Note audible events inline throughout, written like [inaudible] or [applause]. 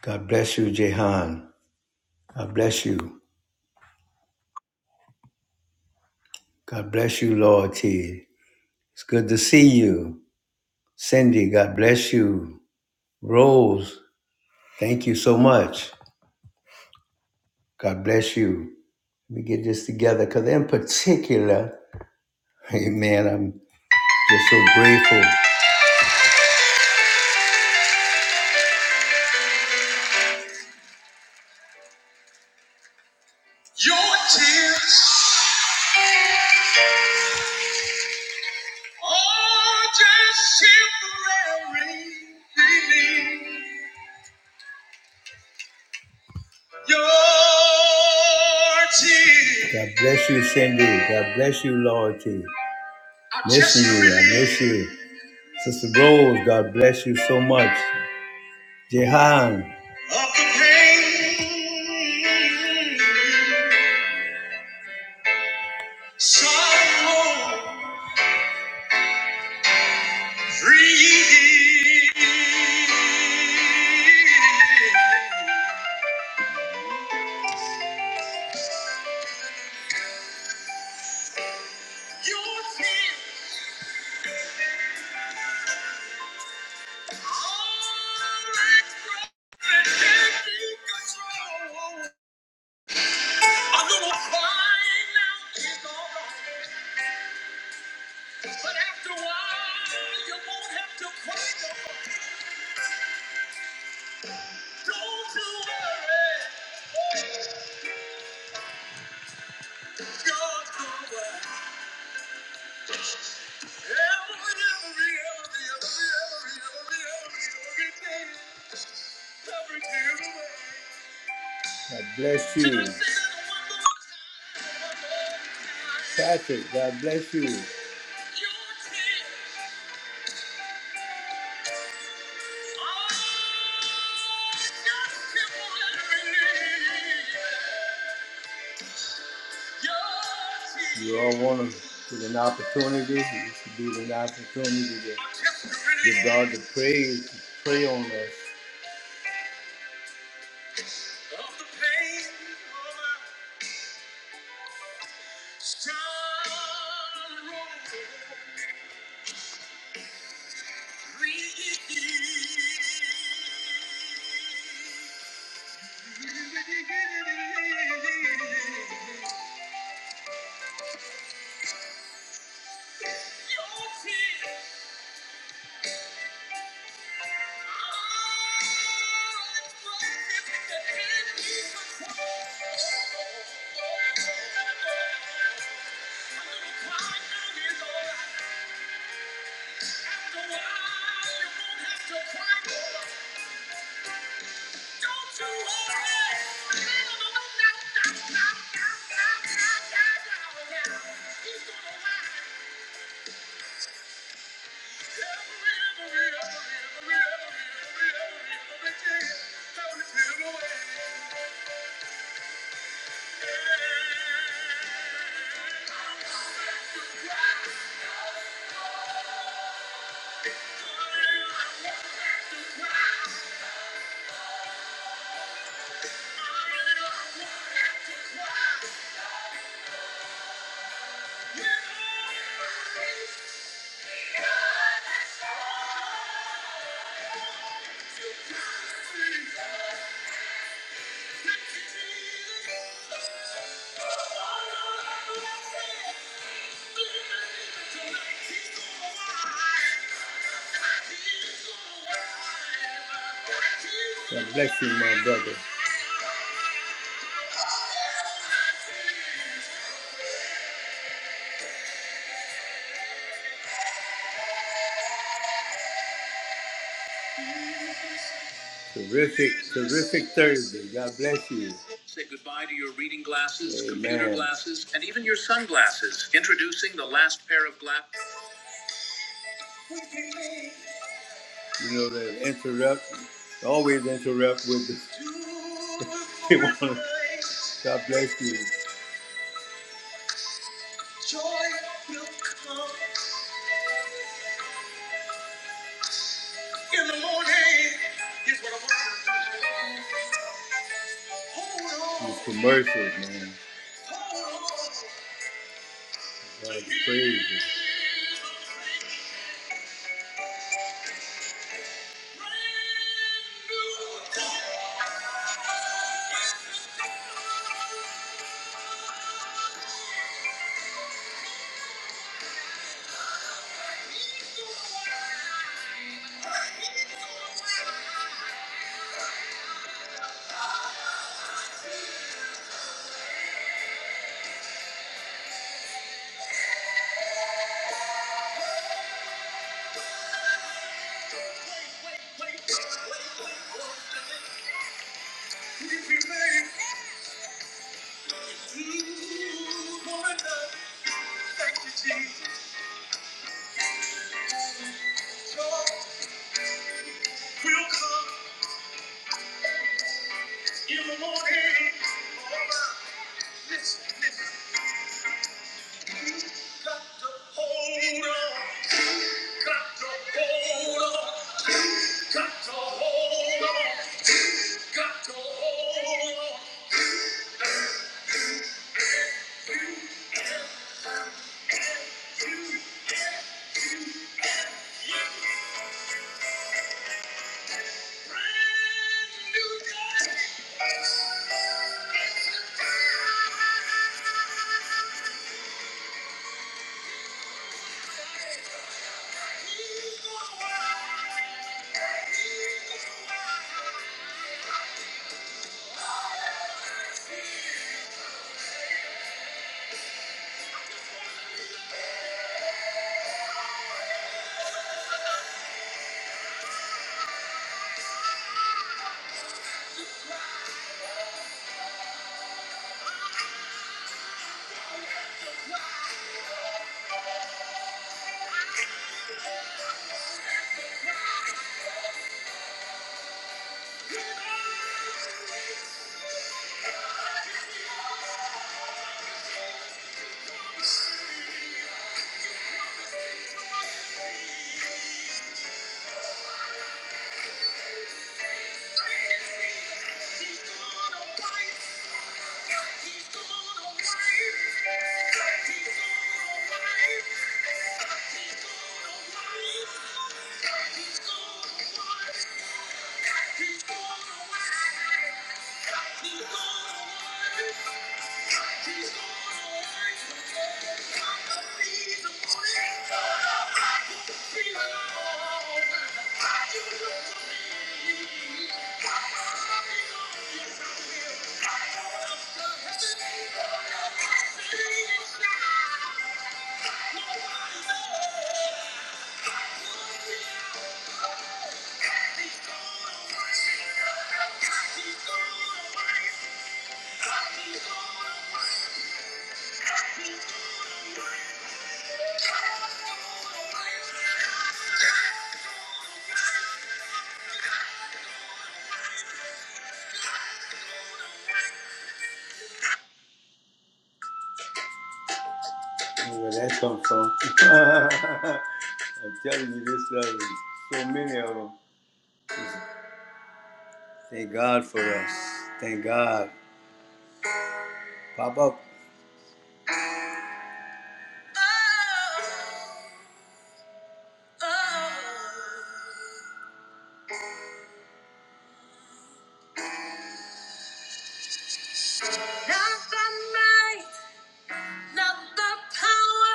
God bless you, Jehan. God bless you. God bless you, Lord T. It's good to see you. Cindy, God bless you. Rose, thank you so much. God bless you. Let me get this together because, in particular, [laughs] amen, I'm just so grateful. Your tears are just temporary relief. God bless you, Cindy. God bless you, Loyalty. Miss you. I miss you. Sister Rose, God bless you so much. Jehan. A little crying now is all right. But after a while, you won't have to cry no more. Don't you worry. God's over. Every, every, every, every, every, every, every, every day. Every day of the way. God bless you. Can I say that one more time? One more time. Patrick, God bless you. Your tears You all want to get an opportunity. It should be an opportunity to give God the praise, to pray on us. Thank you. Thank you. God bless you, my brother. Terrific, terrific Thursday. God bless you. Computer glasses and even your sunglasses. Introduce last pair of glasses. You know they interrupt, always interrupt with. The, [laughs] God bless you. Joy will come in the morning. These commercials, man. That's crazy. Got to hold on. Got to hold on. Got to hold on. Got to hold on. Brand new day. It's a day. He's gonna rise. He's gonna rise. he's gonna win. he's gonna win. He's gonna win. He's gonna win. Where that come from? [laughs] I'm telling you, this love is so many of them. Thank God for us. Thank God. Pop up. Power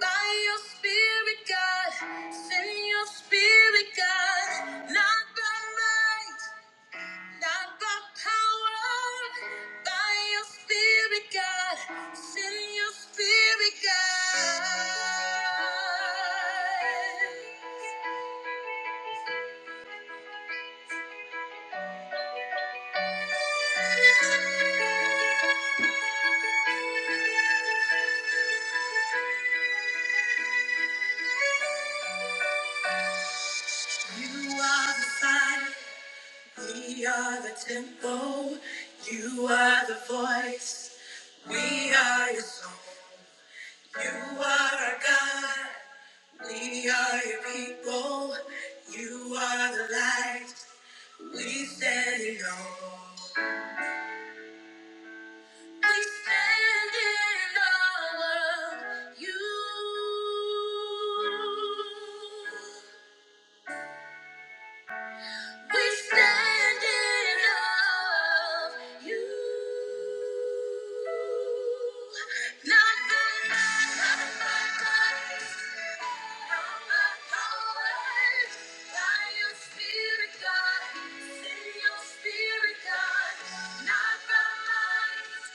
by your spirit, God. Send your spirit, God. Not by might. Not by power, by your spirit, God. Send your spirit, God. You are the sign, we are the temple. You are the voice, we are your song. You are our God, we are your people. You are the light, we stand alone. We stand in awe of you. We stand in awe of you. Not by might, not by might, not by power. By your Spirit, God. Send your Spirit, God. Not by might.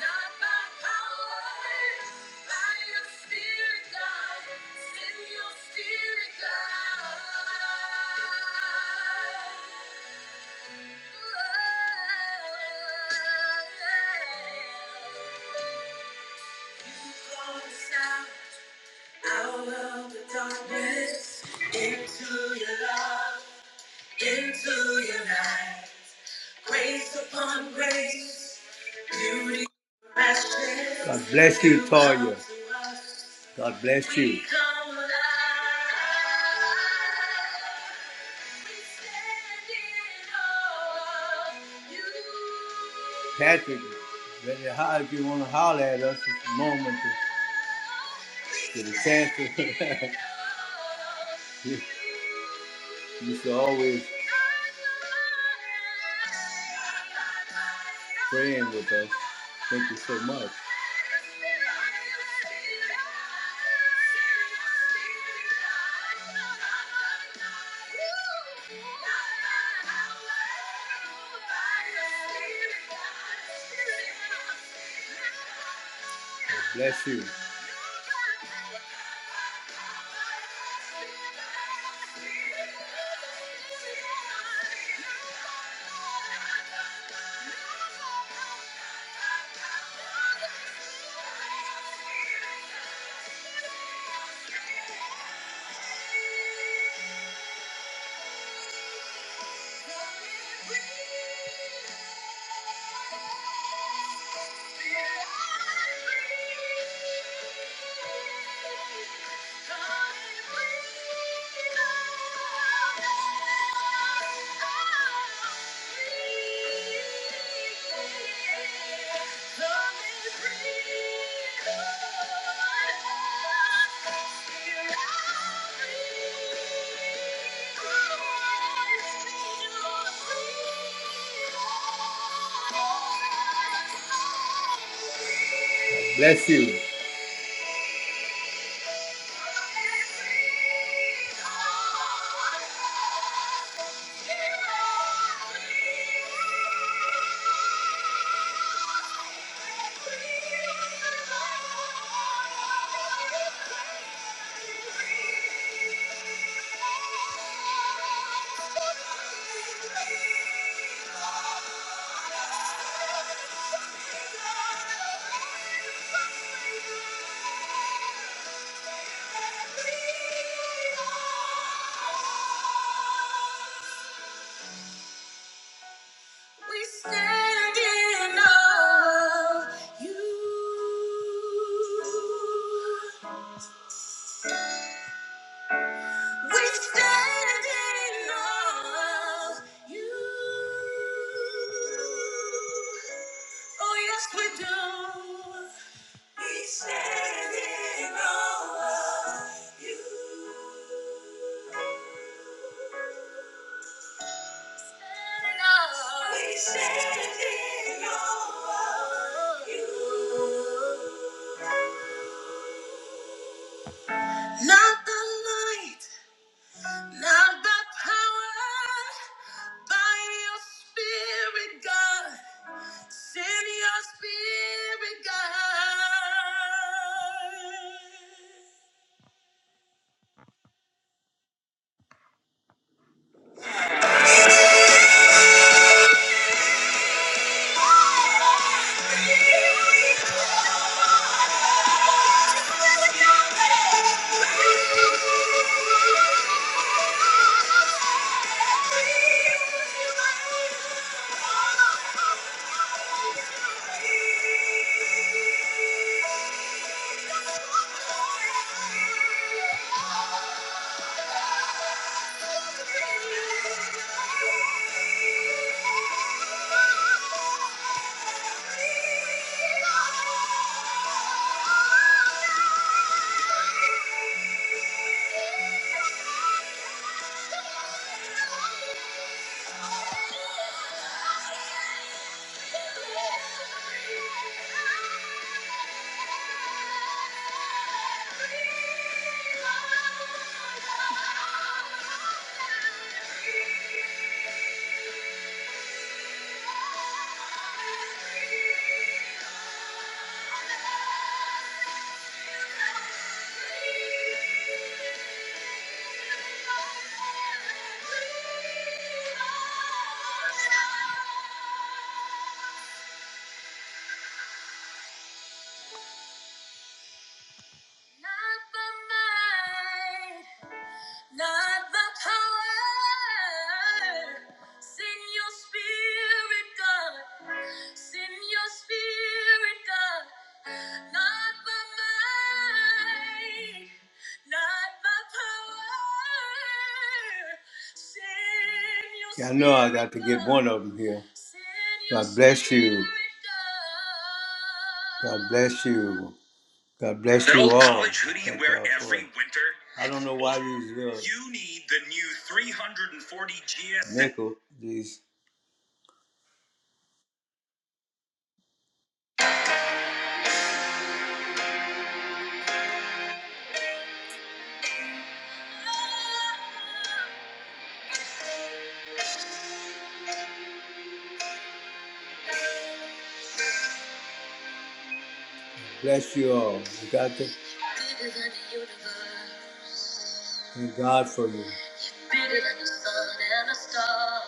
Not by power, by your spirit, God. Send your spirit, God. Calls out out of the darkness into your love, into your light. Grace upon grace, beauty. God bless you, Toya. God bless you. Patrick, how if you want to holler at us, it's a moment. to Get a chance [laughs] you you should always praying with us. Thank you so much. [laughs] Bless you. Thank you. Thank you. We stand in awe of you. We stand in awe of you. Oh, yes, we do. We stand in awe of you. Not the light, not the power, by your spirit, God. Send your spirit, God. [laughs] Thank you. Not the might, not the power. Send your spirit, God. Send your spirit, God, not by might, not by power. Send your Yeah, I know I got to spirit, get one of them here. Send your God bless you. spirit, God bless you. God bless that you old all. Old College hoodie you Thank wear y'all for every it. winter. I don't know why these. Uh, you need the new 340 GS. Nickel, these. Bless you all. We got to Bigger than the universe. Thank God for you. Bigger than the sun and the stars.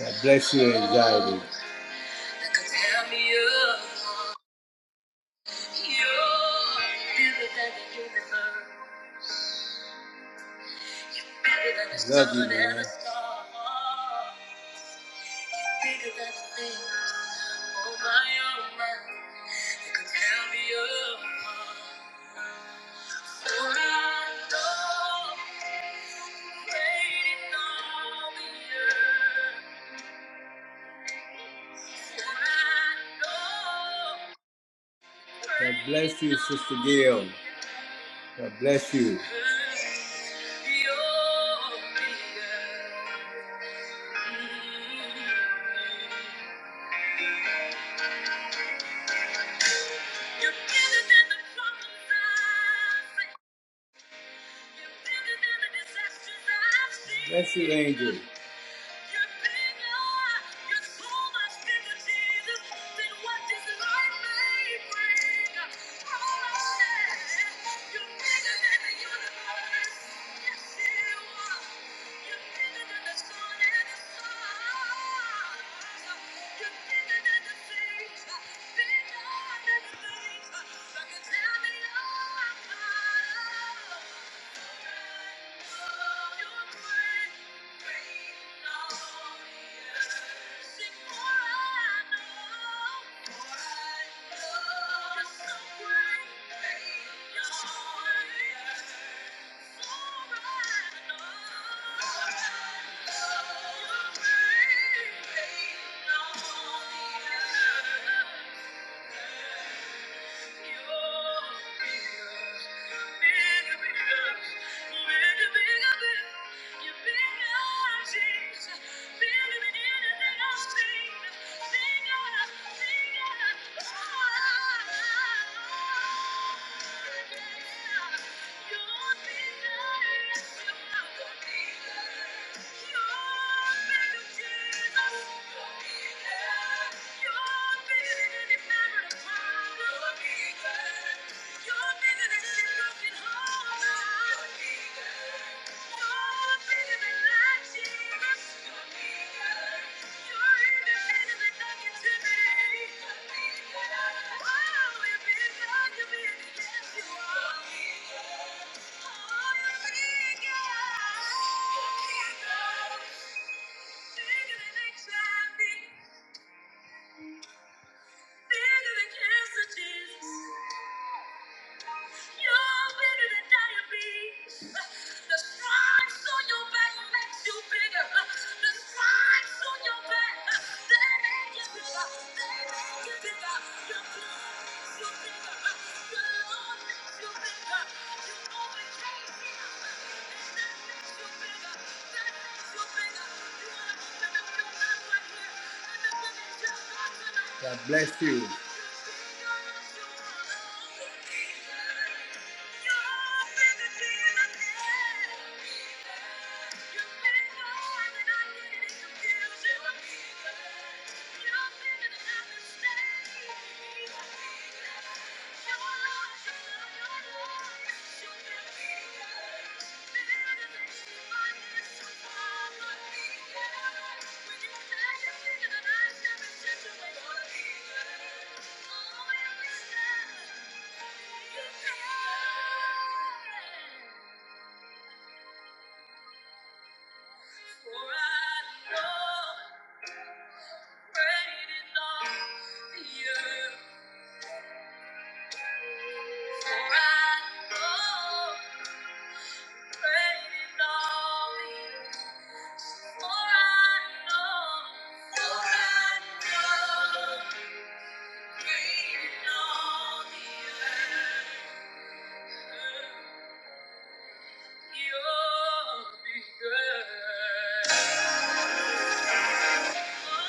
God bless your anxiety. I Love you, man. God bless you, Sister Gail. God bless you. Bless you, Angel. Thank you. are bigger, than the sun and the stars. You're bigger than the things. Bigger. Thank you. You're bigger, you. Bigger than anxiety bigger than cancer, Jesus. You're bigger than diabetes. The stripes on your back makes you bigger. The stripes on your back, they make you bigger. They make you bigger. Your blood makes you bigger. Your love makes you bigger. You overcame fear, and that makes you bigger. That makes you bigger. You wanna open up your mouth right here and the women just believe your God bless you. Thank you. Thank you. You'll be good. Thank you. believe?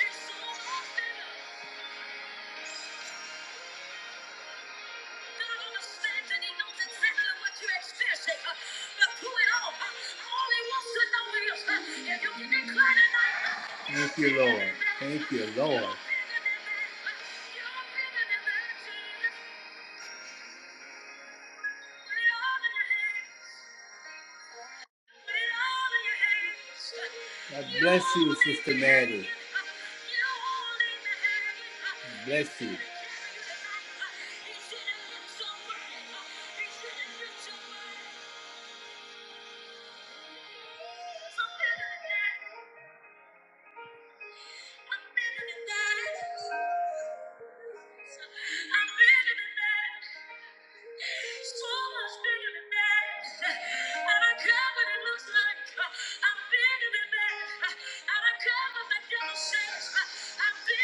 It's so often. Thank you, Lord. Thank you, Lord. God bless you, Sister Maddie. Bless you.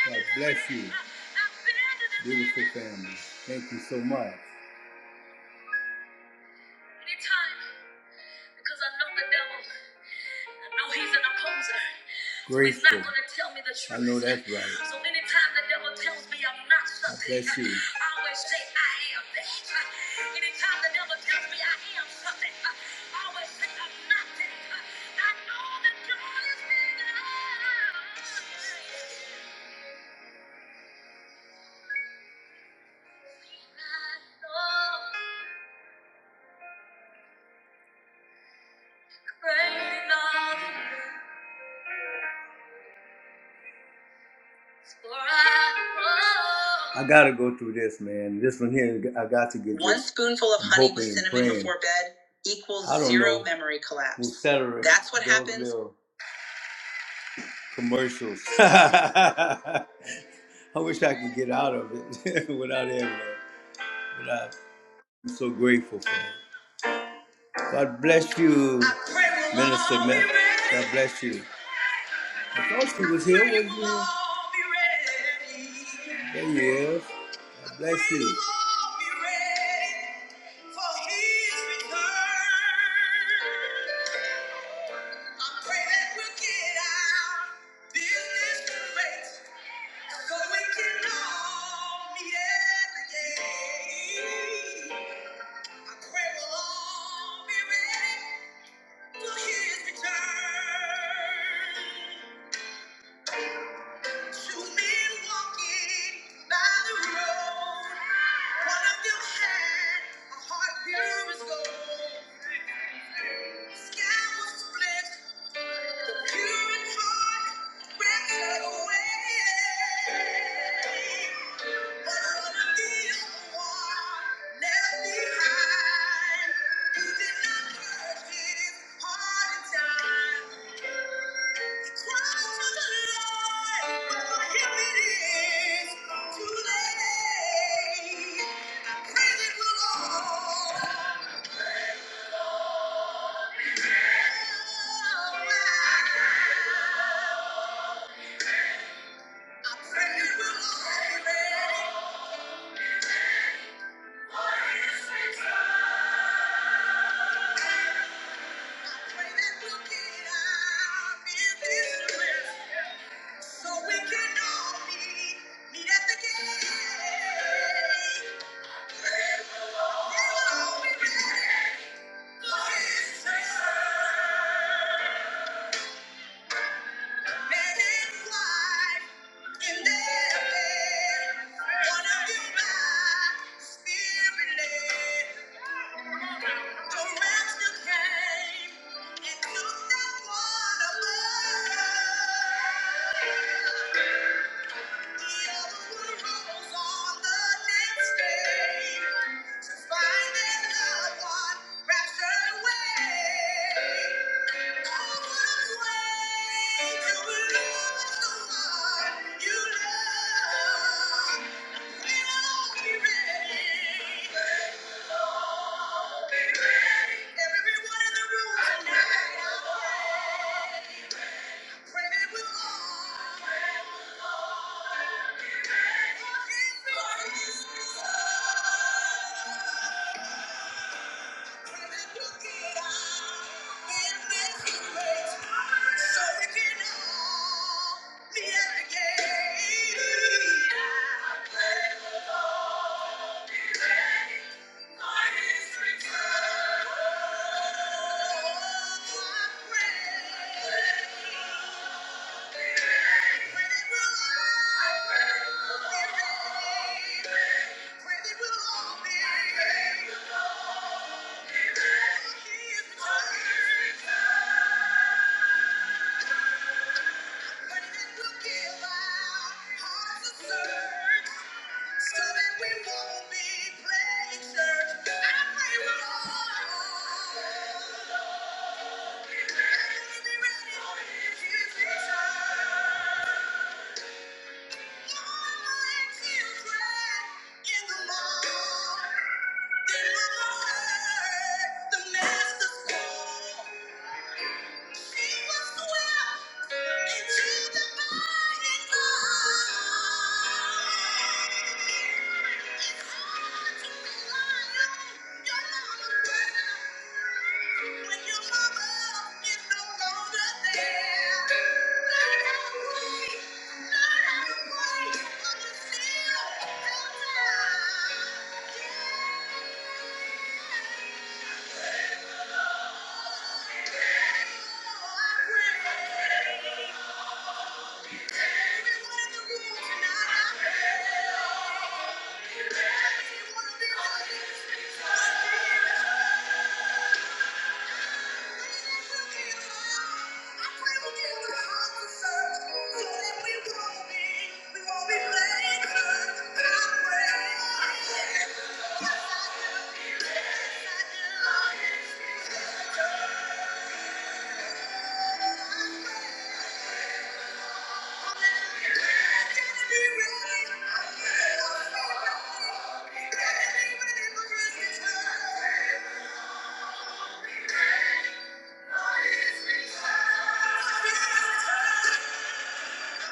God bless you, beautiful family. Thank you so much. Anytime, because I know the devil. No, he's an opposer. Grateful. He's not going to tell me the truth. I know that's right. So anytime the devil tells me I'm not something, bless you. I always say I am that. Anytime the devil tells me I am something, I always say I'm not that. I know that God is bigger. I know great love. I gotta go through this, man. This one here, I got to get. One this. spoonful of honey with cinnamon praying. before bed equals zero know. memory collapse. We'll settle it. That's what Those happens. Commercials. [laughs] I wish I could get out of it [laughs] without having that. But I- I'm so grateful for it. God bless you, Minister all Matt. God bless you. I thought she was here, wasn't she? There he is. God bless you. behind. you. did not catch his heart in time. So we can all meet, meet at the gate. Oh, we Thank you. Everyone in the room tonight, I pray we'll all be. The master's call. Yeah. Thank you.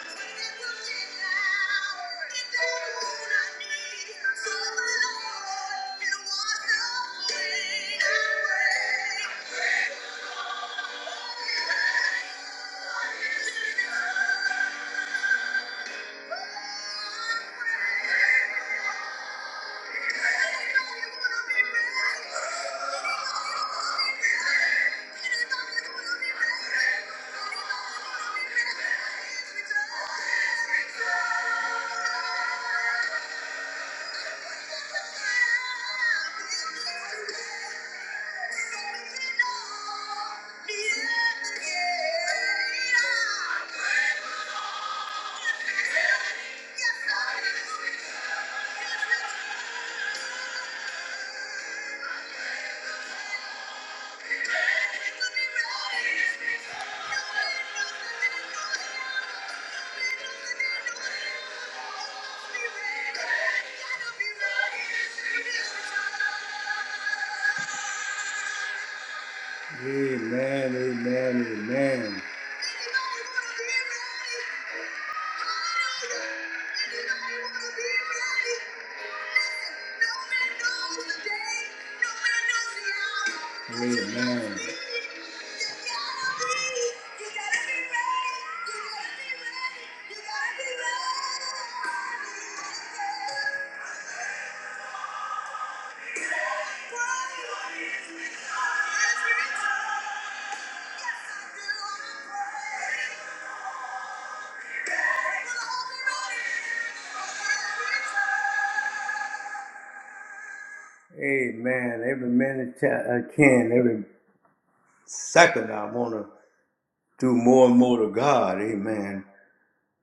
I'm Yeah. Amen, amen, amen. Amen. Amen. Every minute I can, every second I want to do more and more to God. Amen.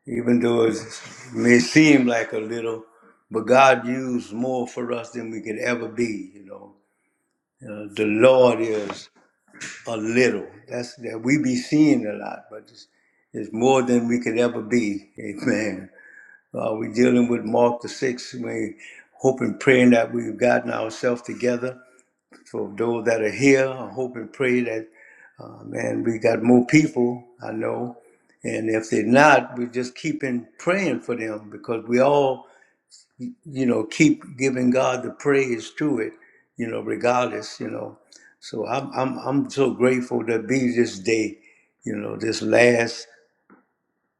Even though it may seem like a little, but God used more for us than we could ever be. You know, Uh, the Lord is. a little. That's that we be seeing a lot, but it's, it's more than we could ever be. [laughs] Amen. Uh, we're dealing with Mark the sixth. We hope and praying that we've gotten ourselves together. for those that are here, I hope and pray that, uh, man, we got more people. I know, and if they're not, we're just keeping praying for them because we all you know, keep giving God the praise to it, you know, regardless, you know. So I'm I'm I'm so grateful to be this day, you know, this last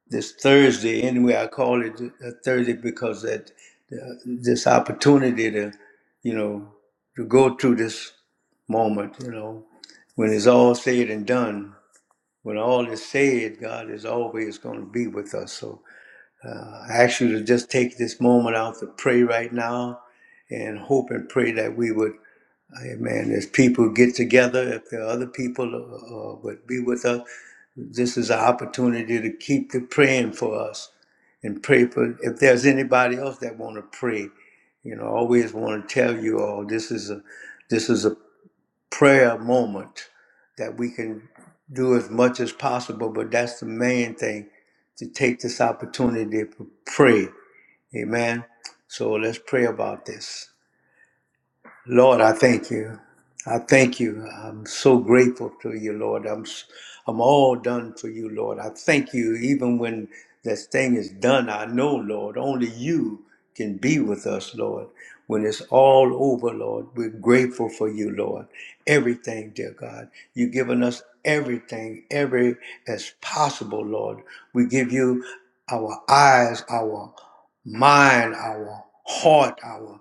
this Thursday anyway. I call it a Thursday because that the, this opportunity to, you know, to go through this moment, you know, when it's all said and done. When all is said, God is always going to be with us. So. Uh, I ask you to just take this moment out to pray right now and hope and pray that we would, amen, as people get together, if there are other people uh, uh, would be with us, this is an opportunity to keep the praying for us and pray for, if there's anybody else that want to pray, you know, I always want to tell you all, this is a, this is a prayer moment that we can do as much as possible, but that's the main thing, to take this opportunity to pray Amen. So let's pray about this. Lord, I thank you. I thank you. I'm so grateful to you, Lord. I'm s- I'm all done for you, Lord. I thank you. Even when this thing is done, I know, Lord, only you can be with us, Lord. When it's all over, Lord, we're grateful for you, Lord. Everything, dear God. You've given us everything, every as possible, Lord. We give you our eyes, our mind, our heart, our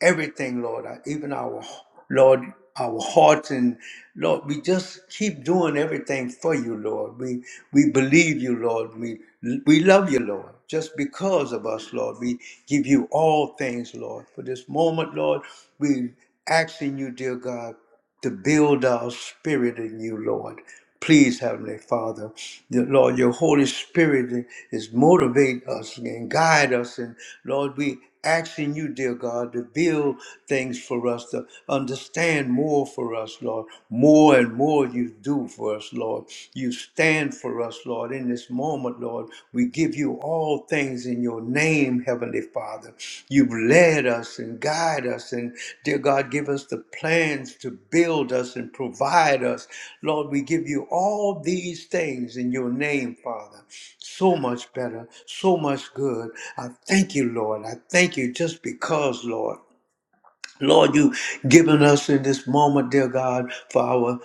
everything, Lord, uh, even our, Lord, our hearts and Lord, we just keep doing everything for you, Lord. We we believe you, Lord. We we love you, Lord. Just because of us, Lord, we give you all things, Lord. For this moment, Lord, we asking you, dear God to build our spirit in you, Lord. Please, Heavenly Father, that, Lord, your Holy Spirit is motivate us and guide us. And Lord, we asking you, dear God, to build things for us, to understand more for us, Lord. More and more you do for us, Lord. You stand for us, Lord, in this moment moment, Lord. We give you all things in your name, Heavenly Father. You've led us and guide us, and dear God, give us the plans to build us and provide us. Lord, we give you all these things in your name, Father. So much better, so much good. I thank you, Lord. I thank you just because, Lord. Lord, you've given us in this moment, dear God, for our,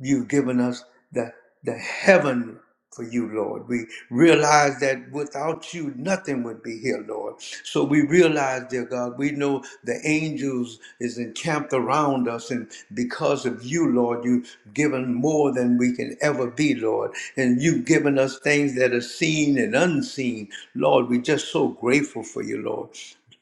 you've given us the, the heaven for you, Lord. We realize that without you, nothing would be here, Lord. So we realize, dear God, we know the angels is encamped around us, and because of you, Lord, you've given more than we can ever be, Lord. And you've given us things that are seen and unseen. Lord, we're just so grateful for you, Lord.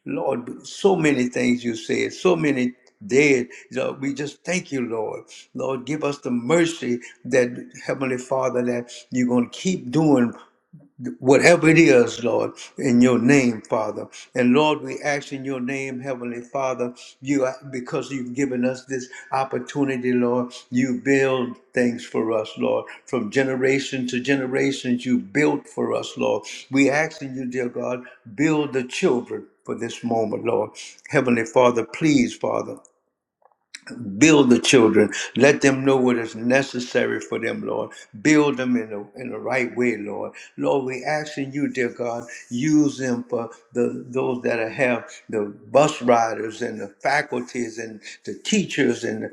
Lord, so many things you said, so many dead. Lord, we just thank you, Lord. Lord, give us the mercy that Heavenly Father that you're going to keep doing whatever it is, Lord, in your name, Father. And Lord, we ask in your name, Heavenly Father, you because you've given us this opportunity, Lord, you build things for us, Lord. From generation to generations, you built for us, Lord. We ask in you, dear God, build the children for this moment, Lord. Heavenly Father, please, Father. Build the children. Let them know what is necessary for them, Lord. Build them in the, in the right way, Lord. Lord, we asking you, dear God, use them for the those that have the bus riders and the faculties and the teachers and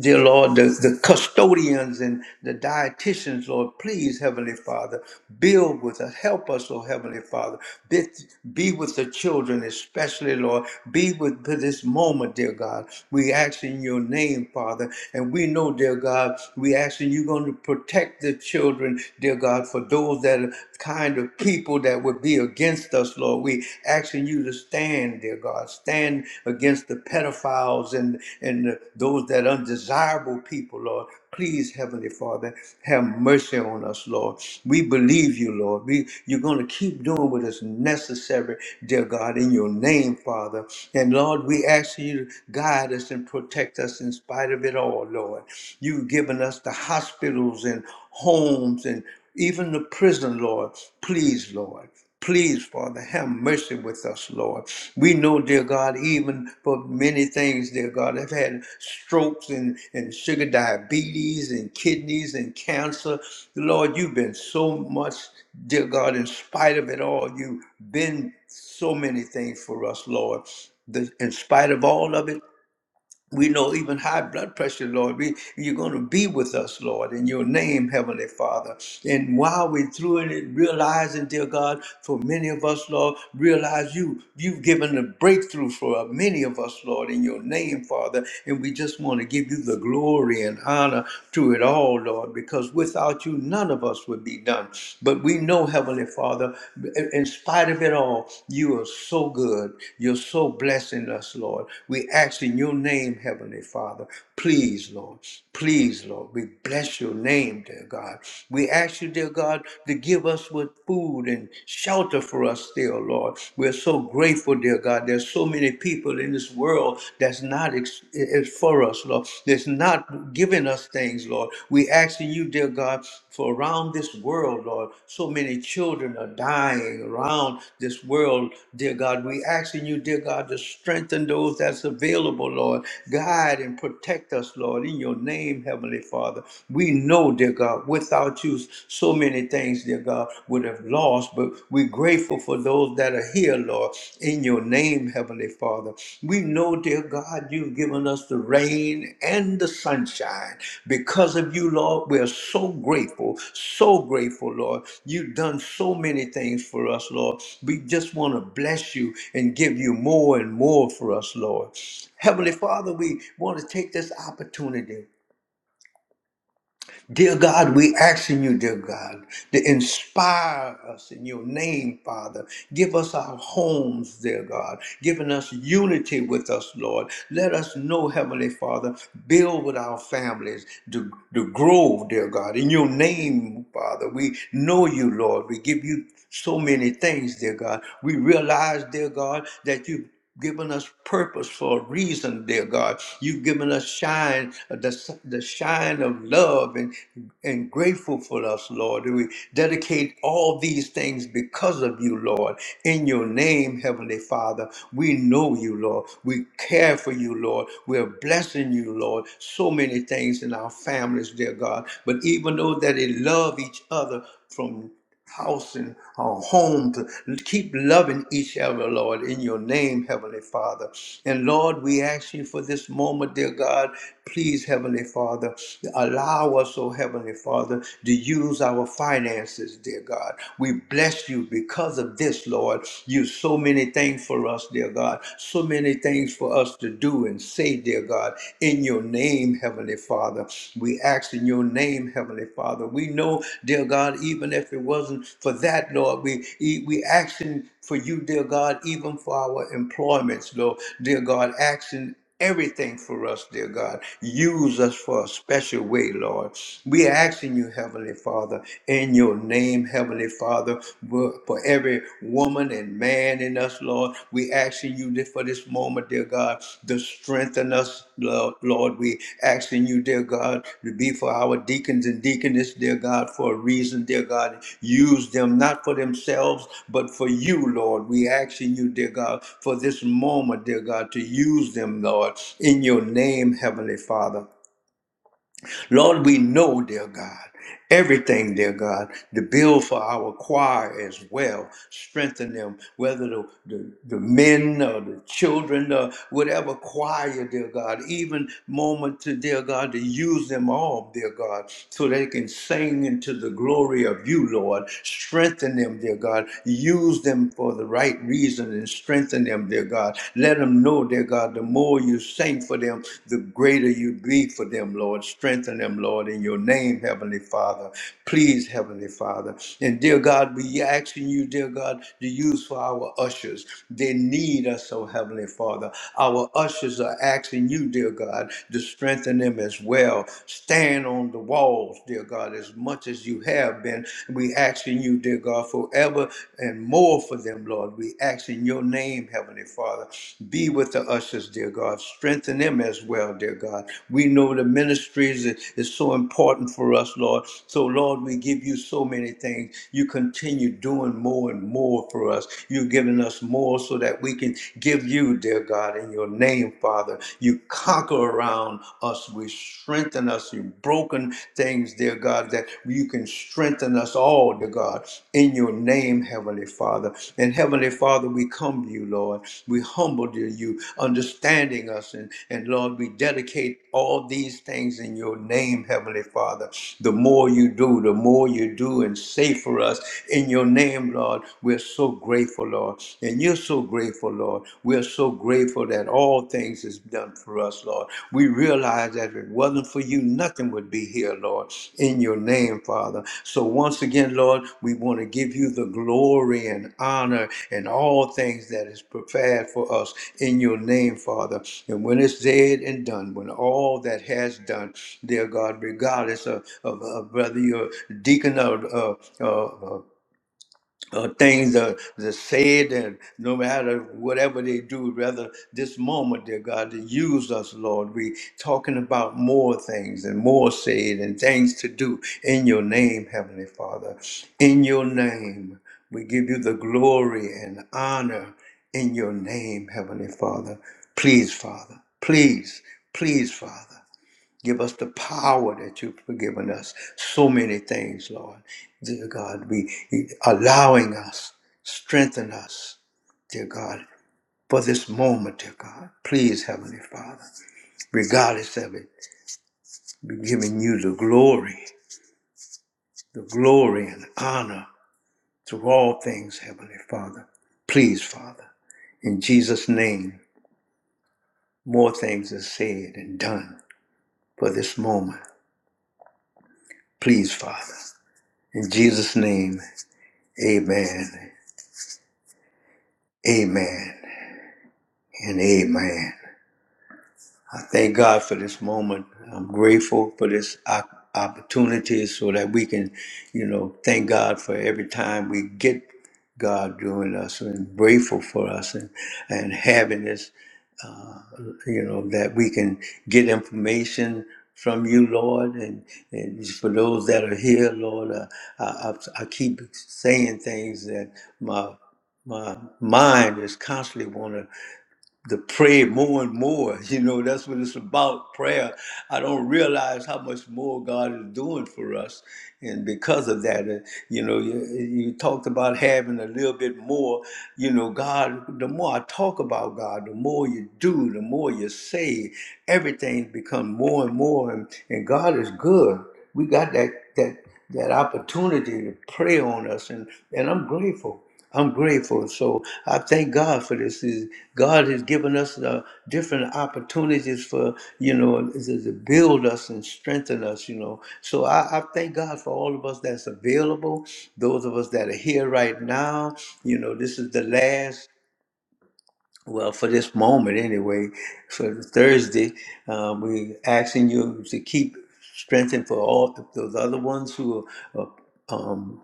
dear Lord, the, the custodians and the dietitians, Lord, please, Heavenly Father, build with us, help us, oh Heavenly Father. Be, be with the children, especially, Lord. Be with to this moment, dear God. We ask in your name, Father, and we know, dear God, we ask in you're going to protect the children, dear God, for those that kind of people that would be against us, Lord. We asking you to stand, dear God. Stand against the pedophiles and, and those that undesirable people, Lord. Please, Heavenly Father, have mercy on us, Lord. We believe you, Lord. We, you're going to keep doing what is necessary, dear God, in your name, Father. And Lord, we ask you to guide us and protect us in spite of it all, Lord. You've given us the hospitals and homes and even the prison, Lord. Please, Lord. Please, Father, have mercy with us, Lord. We know, dear God, even for many things, dear God, I've had strokes and, and sugar diabetes and kidneys and cancer. Lord, you've been so much, dear God, in spite of it all, you've been so many things for us, Lord. The- in spite of all of it, we know even high blood pressure, Lord, we, you're going to be with us, Lord, in your name, Heavenly Father. And while we're through it, realizing, dear God, for many of us, Lord, realize you, you've given a breakthrough for many of us, Lord, in your name, Father. And we just want to give you the glory and honor to it all, Lord, because without you, none of us would be done. But we know, Heavenly Father, Father. In spite of it all, you are so good. You're so blessing us, Lord. We ask in your name, Heavenly Father. Please, Lord. Please, Lord. We bless your name, dear God. We ask you, dear God, to give us with food and shelter for us still, Lord. We're so grateful, dear God. There's so many people in this world that's not ex- is for us, Lord. Lord, that's not giving us things, Lord. We asking you, dear God, for around this world, Lord, so many children are dying around this world, dear God. We asking you, dear God, to strengthen those that's available, Lord. Guide and protect us, Lord, in your name, Heavenly Father. We know, dear God, without you, so many things, dear God, would have lost, but we grateful grateful for those that are here, Lord, in your name, Heavenly Father. We know, dear God, you've given us the rain and the sunshine. Because of you, Lord, we're so grateful, so grateful, Lord. You've done so many things for us, Lord. We just want to bless you and give you more and more for us, Lord. Heavenly Father, we want to take this opportunity Dear God, we asking you, dear God, to inspire us in your name, Father. Give us our homes, dear God, giving us unity with us, Lord. Let us know, Heavenly Father, build with our families to, to grow, dear God. In your name, Father, we know you, Lord. We give you so many things, dear God. We realize, dear God, that you given us purpose for a reason, dear God. You've given us shine, uh, the, the shine of love and, and grateful for us, Lord. And we dedicate all these things because of you, Lord. In your name, Heavenly Father, we know you, Lord. We care for you, Lord. We're blessing you, Lord. So many things in our families, dear God. But even though that they love each other from house and our home to keep loving each other, Lord, in your name, Heavenly Father. And Lord, we ask you for this moment, dear God. Please, Heavenly Father, allow us, oh Heavenly Father, to use our finances, dear God. We bless you because of this, Lord. You so many things for us, dear God. So many things for us to do and say, dear God. God. In your name, Heavenly Father, we ask in your name, Heavenly Father. We know, dear God, even if it wasn't for that, Lord, we e, we asking for you, dear God, even for our employments, Lord, dear God, asking everything for us, dear God. Use us for a special way, Lord. We are asking you, Heavenly Father, in your name, Heavenly Father, for, for every woman and man in us, Lord. We asking you this for this moment, dear God, to strengthen us, Lord. Lord. We asking you, dear God, to be for our deacons and deaconess, dear God, for a reason, dear God. Use them not for themselves, but for you, Lord. We asking you, dear God, for this moment, dear God, to use them, Lord, in your name, Heavenly Father. Lord, we know, dear God, everything, dear God, the bill for our choir as well. Strengthen them, whether the, the, the men or the children or whatever choir, dear God, even moment to, dear God, to use them all, dear God, so they can sing into the glory of you, Lord. Strengthen them, dear God. Use them for the right reason and strengthen them, dear God. Let them know, dear God, the more you say for them, the greater you be for them, Lord. Strengthen them, Lord, in your name, Heavenly Father. Please, Heavenly Father. And dear God, we asking you, dear God, to use for our ushers. They need us, oh Heavenly Father. Our ushers are asking you, dear God, to strengthen them as well. Stand on the walls, dear God, as much as you have been. We asking you, dear God. God, forever and more for them, Lord. We ask in your name, Heavenly Father. Be with the ushers, dear God. Strengthen them as well, dear God. We know the ministries is, is so important for us, Lord. So, Lord, we give you so many things. You continue doing more and more for us. You've given us more so that we can give you, dear God, in your name, Father. You conquer around us. We strengthen us given us, you've broken things, dear God, that you can strengthen us all, dear God, in your name, Heavenly Father. And Heavenly Father, we come to you, Lord. We humble to you, understanding us. And, and Lord, we dedicate all these things in your name, Heavenly Father. The more you do, the more you do and say for us in your name, Lord. We're so grateful, Lord. And you're so grateful, Lord. We're so just so grateful that all things is done for us, Lord. We realize that if it wasn't for you, nothing would be here, Lord, in your name, Father. So once again, Lord, we want to give you the glory and honor and all things that is prepared for us in your name, Father. And when it's dead and done, when all that has done, dear God, regardless of, of, of whether you're deacon or uh, uh, uh, things are, are said and no matter whatever they do, rather this moment, dear God, to use us, Lord. We talking about more things and more said and things to do in your name, Heavenly Father. In your name, we give you the glory and honor in your name, Heavenly Father. Please, Father. Please, please, Father. Give us the power that you've forgiven us. So many things, Lord. Dear God, be allowing us, strengthen us, dear God, for this moment, dear God. Please, Heavenly Father, regardless of it, be giving you the glory, the glory and honor through all things, Heavenly Father. Please, Father, in Jesus' name, more things are said and done for this moment. Please, Father. In Jesus' name, amen Amen and amen. I thank God for this moment. I'm grateful for this op- opportunity so that we can, you know, thank God for every time we get God doing us and grateful for us and, and having this, uh, you know, that we can get information from you, Lord. And, and for those that are here, Lord, uh, I, I, I keep saying things that my my mind is constantly want to to pray more and more. [laughs] You know, that's what it's about prayer. I don't realize how much more God is doing for us. And because of that, uh, you know, you, you talked about having a little bit more. You know, God, the more I talk about God, the more you do, the more you say, everything becomes more and more. And, and God is good. We got that, that, that opportunity to pray on us. And, and I'm grateful. I'm grateful. So I thank God for this. Is- God has given us the different opportunities for, you know, to to build us and strengthen us, you know. So I, I thank God for all of us that's available, those of us that are here right now. You know, this is the last well, for this moment anyway, for Thursday, um, we're asking you to keep strengthening for all those other ones who are, are um,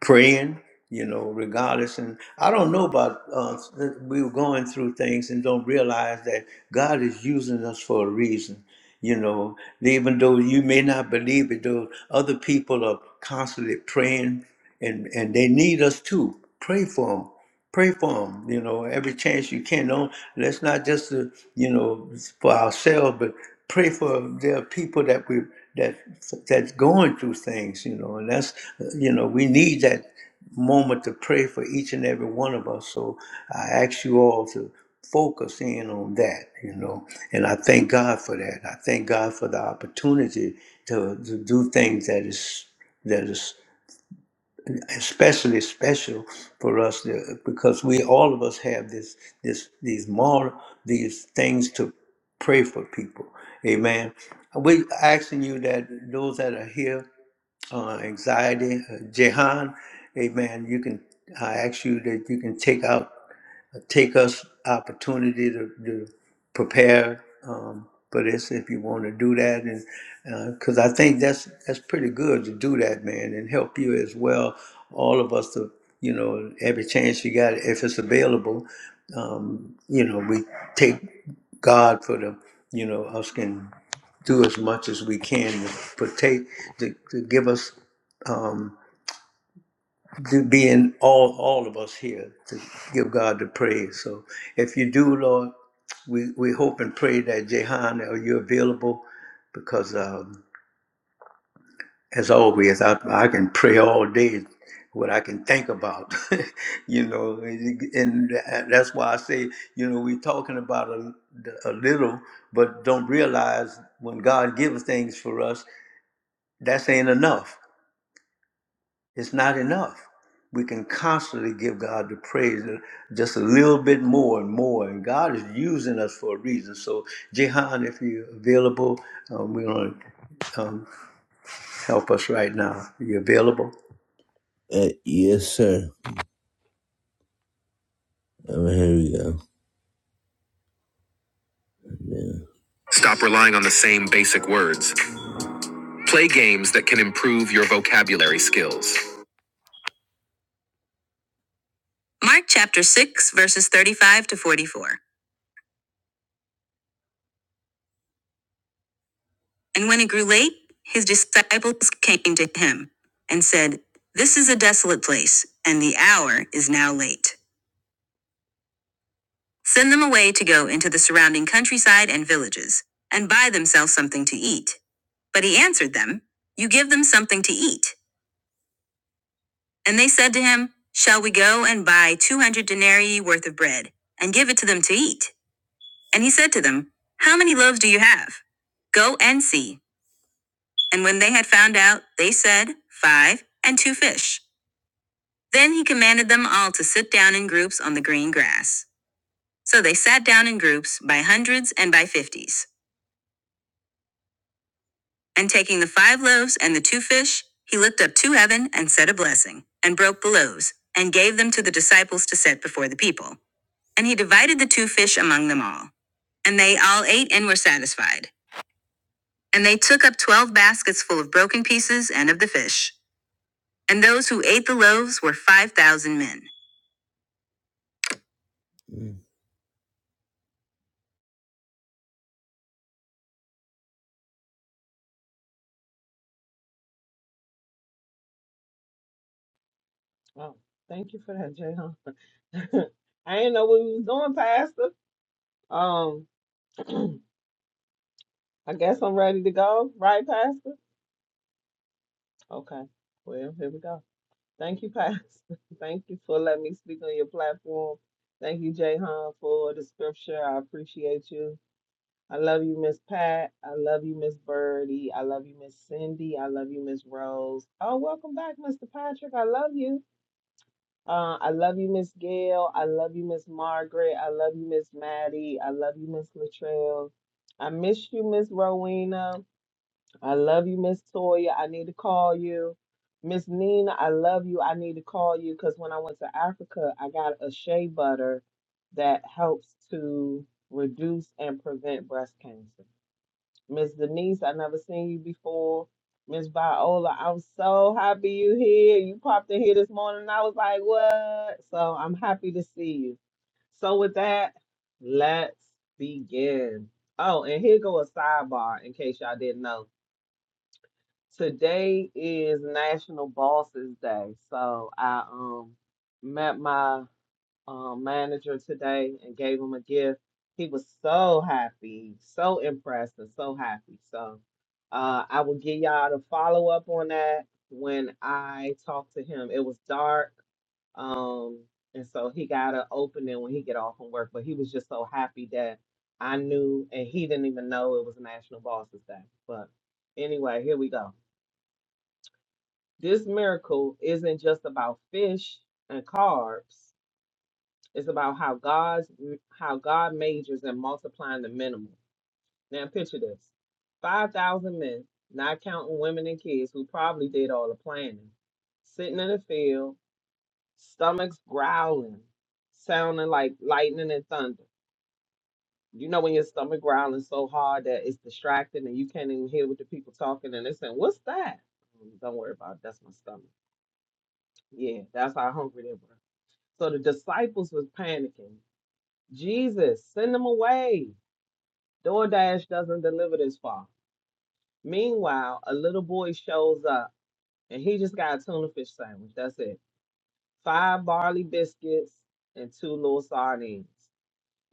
praying, you know, regardless. And I don't know about uh, that we were going through things and don't realize that God is using us for a reason. You know, even though you may not believe it, though other people are constantly praying, and and they need us to pray for them pray for them you know every chance you can do let's not just uh, you know for ourselves but pray for their people that we that that's going through things you know and that's uh, you know we need that moment to pray for each and every one of us so i ask you all to focus in on that you know and i thank god for that i thank god for the opportunity to, to do things that is that is especially special for us uh, because we all of us have this this these moral, these things to pray for people amen we asking you that those that are here uh, anxiety. Uh, Jehan, amen, you can, I ask you that you can take out, uh, take us opportunity to, to prepare um, for this if you want to do that. And because I think that's, that's pretty good to do that, man, and help you as well, all of us to, you know, every chance you got, if it's available, um, you know, we take God for the, you know, us can do as much as we can to partake, to, to give us, um, to be in all, all of us here, to give God the praise. So if you do, Lord, we, we hope and pray that Jehan, are you available? Because um, as always, I, I can pray all day what I can think about, [laughs] you know, and and that's why I say, you know, we're talking about a, a little, but don't realize when God gives things for us, That's ain't enough. It's not enough. We can constantly give God the praise uh, just a little bit more and more. And God is using us for a reason. So, Jehan, if you're available, um, we're going to um, help us right now. Are you available? Uh, yes, sir. Um, here we go. Yeah. Stop relying on the same basic words. Play games that can improve your vocabulary skills. Mark chapter 6, verses 35 to 44. And when it grew late, his disciples came to him and said, This is a desolate place, and the hour is now late. Send them away to go into the surrounding countryside and villages, and buy themselves something to eat. But he answered them, You give them something to eat. And they said to him, Shall we go and buy 200 denarii worth of bread and give it to them to eat? And he said to them, How many loaves do you have? Go and see. And when they had found out, they said, Five and two fish. Then he commanded them all to sit down in groups on the green grass. So they sat down in groups by hundreds and by fifties. And taking the five loaves and the two fish, he looked up to heaven and said a blessing, and broke the loaves, and gave them to the disciples to set before the people. And he divided the two fish among them all. And they all ate and were satisfied. And they took up twelve baskets full of broken pieces and of the fish. And those who ate the loaves were five thousand men. Oh, thank you for that, Jay. [laughs] I didn't know what we was doing, Pastor. Um, [clears throat] I guess I'm ready to go, right, Pastor? Okay. Well, here we go. Thank you, Pastor. [laughs] Thank you for letting me speak on your platform. Thank you, Jay huh, for the scripture. I appreciate you. I love you, Miss Pat. I love you, Miss Birdie. I love you, Miss Cindy. I love you, Miss Rose. Oh, welcome back, Mr. Patrick. I love you. Uh, I love you, Miss Gail. I love you, Miss Margaret. I love you, Miss Maddie. I love you, Miss Latrell. I miss you, Miss Rowena. I love you, Miss Toya. I need to call you. Miss Nina, I love you. I need to call you because when I went to Africa, I got a shea butter that helps to reduce and prevent breast cancer. Miss Denise, I never seen you before. Miss Viola, I'm so happy you here. You popped in here this morning. And I was like, what? So I'm happy to see you. So with that, let's begin. Oh, and here go a sidebar in case y'all didn't know. Today is National Bosses Day. So I um met my um, manager today and gave him a gift. He was so happy, so impressed, and so happy. So uh, I will give y'all the follow up on that when I talk to him. It was dark, um, and so he got an opening when he get off from work. But he was just so happy that I knew, and he didn't even know it was National Bosses Day. But anyway, here we go. This miracle isn't just about fish and carbs. It's about how God's how God majors in multiplying the minimal. Now picture this: five thousand men, not counting women and kids, who probably did all the planning, sitting in the field, stomachs growling, sounding like lightning and thunder. You know when your stomach growling so hard that it's distracting and you can't even hear what the people talking and they're saying, "What's that?" Mm, Don't worry about it. That's my stomach. Yeah, that's how hungry they were. So the disciples was panicking. Jesus, send them away. DoorDash doesn't deliver this far. Meanwhile, a little boy shows up and he just got a tuna fish sandwich. That's it. Five barley biscuits and two little sardines.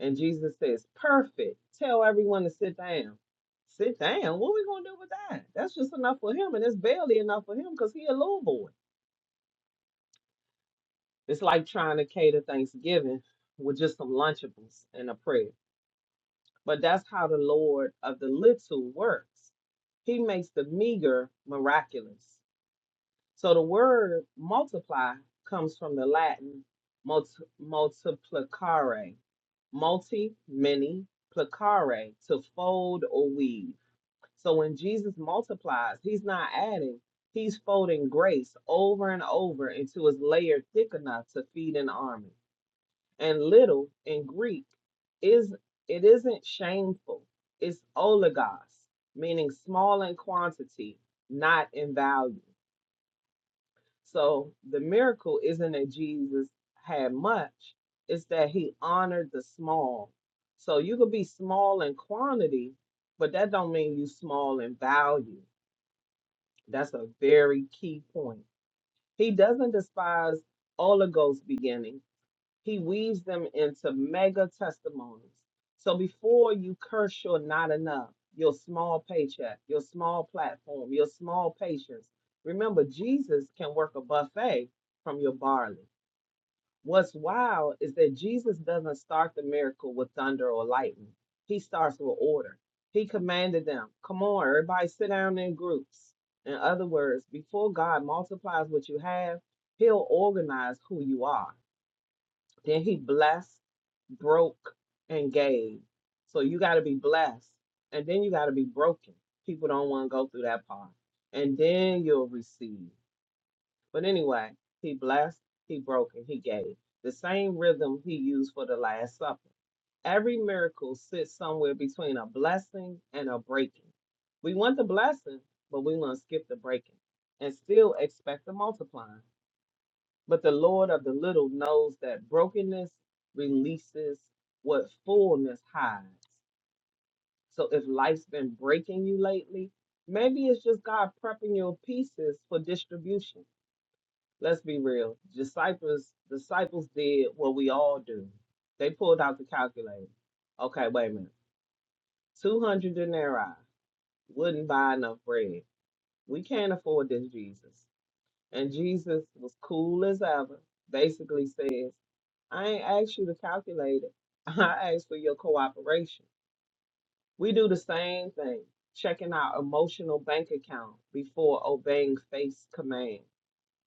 And Jesus says, Perfect. Tell everyone to sit down. Sit down? What are we going to do with that? That's just enough for him. And it's barely enough for him because he a little boy. It's like trying to cater Thanksgiving with just some Lunchables and a prayer. But that's how the Lord of the little works. He makes the meager miraculous. So the word multiply comes from the Latin multi, multiplicare, multi, many, placare, to fold or weave. So when Jesus multiplies, he's not adding, he's folding grace over and over until it's layered thick enough to feed an army and little in Greek is it isn't shameful. It's oligos, meaning small in quantity, not in value. So the miracle isn't that Jesus had much, it's that he honored the small. So you could be small in quantity, but that don't mean you small in value. That's a very key point. He doesn't despise oligos beginnings He weaves them into mega testimonies. So before you curse your not enough, your small paycheck, your small platform, your small patience, remember Jesus can work a buffet from your barley. What's wild is that Jesus doesn't start the miracle with thunder or lightning, he starts with order. He commanded them, Come on, everybody sit down in groups. In other words, before God multiplies what you have, he'll organize who you are. Then he blessed, broke, and gave. So you got to be blessed, and then you got to be broken. People don't want to go through that part, and then you'll receive. But anyway, he blessed, he broke, and he gave. The same rhythm he used for the Last Supper. Every miracle sits somewhere between a blessing and a breaking. We want the blessing, but we want to skip the breaking and still expect the multiplying. But the Lord of the little knows that brokenness releases what fullness hides. So if life's been breaking you lately, maybe it's just God prepping your pieces for distribution. Let's be real. Disciples disciples did what we all do. They pulled out the calculator. Okay, wait a minute. 200 denarii wouldn't buy enough bread. We can't afford this Jesus. And Jesus was cool as ever, basically says, I ain't asked you to calculate it. [laughs] I asked for your cooperation. We do the same thing, checking our emotional bank account before obeying faith's command.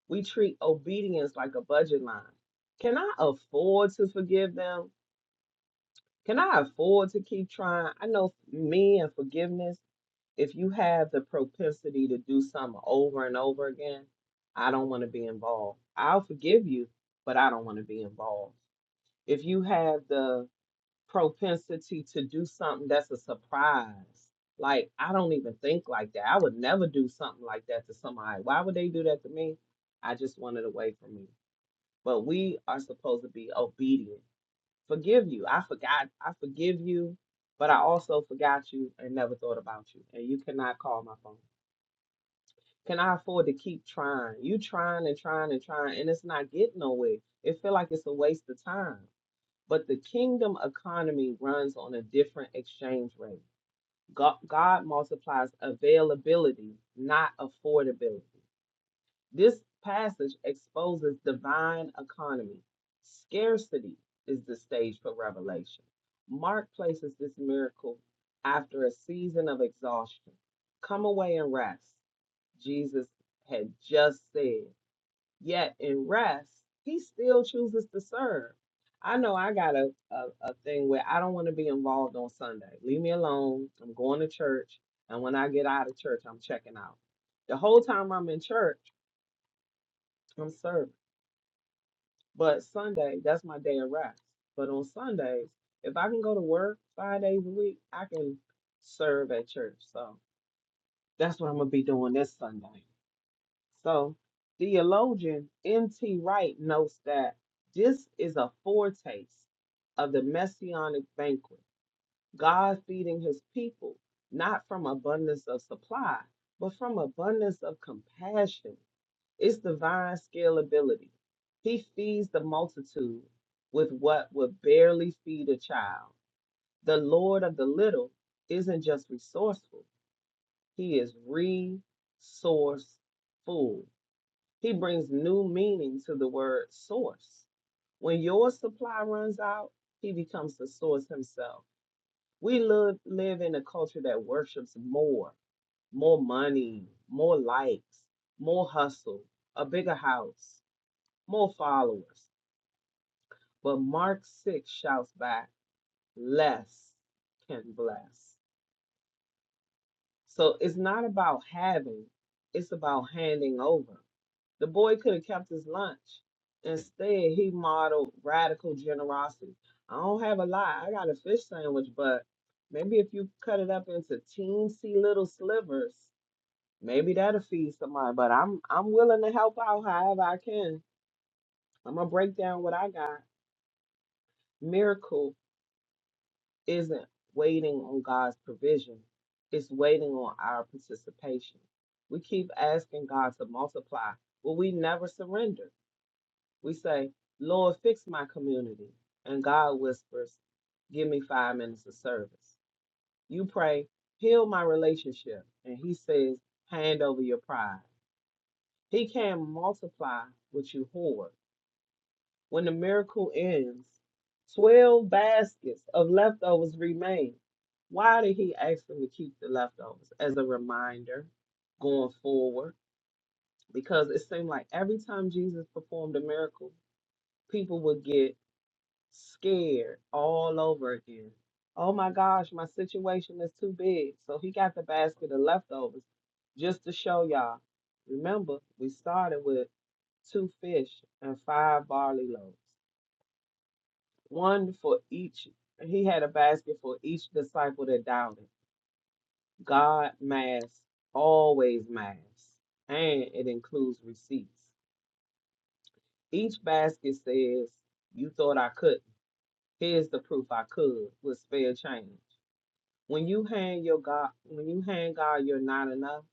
We treat obedience like a budget line. Can I afford to forgive them? Can I afford to keep trying? I know me and forgiveness if you have the propensity to do something over and over again, I don't want to be involved. I'll forgive you, but I don't want to be involved. If you have the propensity to do something that's a surprise, like I don't even think like that. I would never do something like that to somebody. Why would they do that to me? I just want it away from me. But we are supposed to be obedient. Forgive you. I forgot. I forgive you, but I also forgot you and never thought about you. And you cannot call my phone can I afford to keep trying? You trying and trying and trying, and it's not getting nowhere. It feel like it's a waste of time. But the kingdom economy runs on a different exchange rate. God, God multiplies availability, not affordability. This passage exposes divine economy. Scarcity is the stage for revelation. Mark places this miracle after a season of exhaustion. Come away and rest. Jesus had just said. Yet in rest, he still chooses to serve. I know I got a, a, a thing where I don't want to be involved on Sunday. Leave me alone. I'm going to church. And when I get out of church, I'm checking out. The whole time I'm in church, I'm serving. But Sunday, that's my day of rest. But on Sundays, if I can go to work five days a week, I can serve at church. So that's what I'm going to be doing this Sunday. So, theologian M.T. Wright notes that this is a foretaste of the messianic banquet, God feeding his people, not from abundance of supply, but from abundance of compassion. It's divine scalability. He feeds the multitude with what would barely feed a child. The Lord of the little isn't just resourceful, he is resourceful he brings new meaning to the word source. When your supply runs out, he becomes the source himself. We live, live in a culture that worships more, more money, more likes, more hustle, a bigger house, more followers. But Mark 6 shouts back, less can bless. So it's not about having, it's about handing over. The boy could have kept his lunch. Instead, he modeled radical generosity. I don't have a lot. I got a fish sandwich, but maybe if you cut it up into teensy little slivers, maybe that'll feed somebody. But I'm I'm willing to help out however I can. I'm gonna break down what I got. Miracle isn't waiting on God's provision. It's waiting on our participation. We keep asking God to multiply, but we never surrender. We say, Lord, fix my community. And God whispers, Give me five minutes of service. You pray, Heal my relationship. And He says, Hand over your pride. He can multiply what you hoard. When the miracle ends, 12 baskets of leftovers remain. Why did He ask them to keep the leftovers? As a reminder going forward, because it seemed like every time Jesus performed a miracle, people would get scared all over again. Oh my gosh, my situation is too big. So he got the basket of leftovers just to show y'all. Remember, we started with two fish and five barley loaves, one for each. He had a basket for each disciple that doubted. God masks, always masks, and it includes receipts. Each basket says, You thought I couldn't. Here's the proof I could with spare change. When you hand your God, when you hand God you're not enough,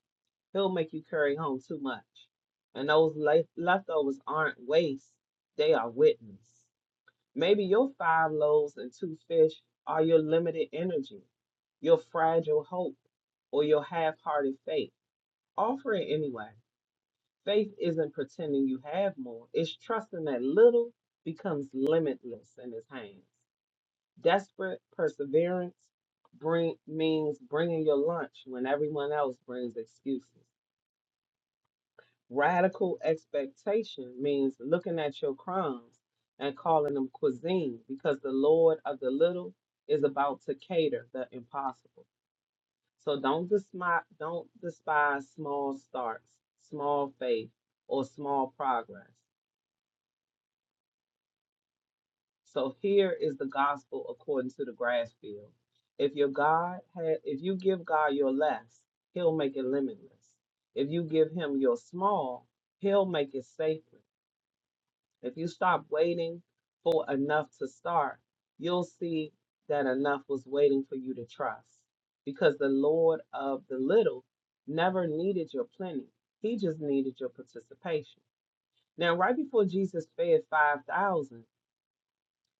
He'll make you carry home too much. And those le- leftovers aren't waste; they are witness. Maybe your five loaves and two fish are your limited energy, your fragile hope, or your half-hearted faith. Offer it anyway. Faith isn't pretending you have more; it's trusting that little becomes limitless in His hands. Desperate perseverance bring, means bringing your lunch when everyone else brings excuses. Radical expectation means looking at your crumbs and calling them cuisine because the Lord of the little is about to cater the impossible. So don't despise, don't despise small starts, small faith, or small progress. So here is the gospel according to the grass field. If your God had, if you give God your less, He'll make it limitless. If you give Him your small, He'll make it sacred. If you stop waiting for enough to start, you'll see that enough was waiting for you to trust, because the Lord of the little never needed your plenty. He just needed your participation. Now, right before Jesus fed five thousand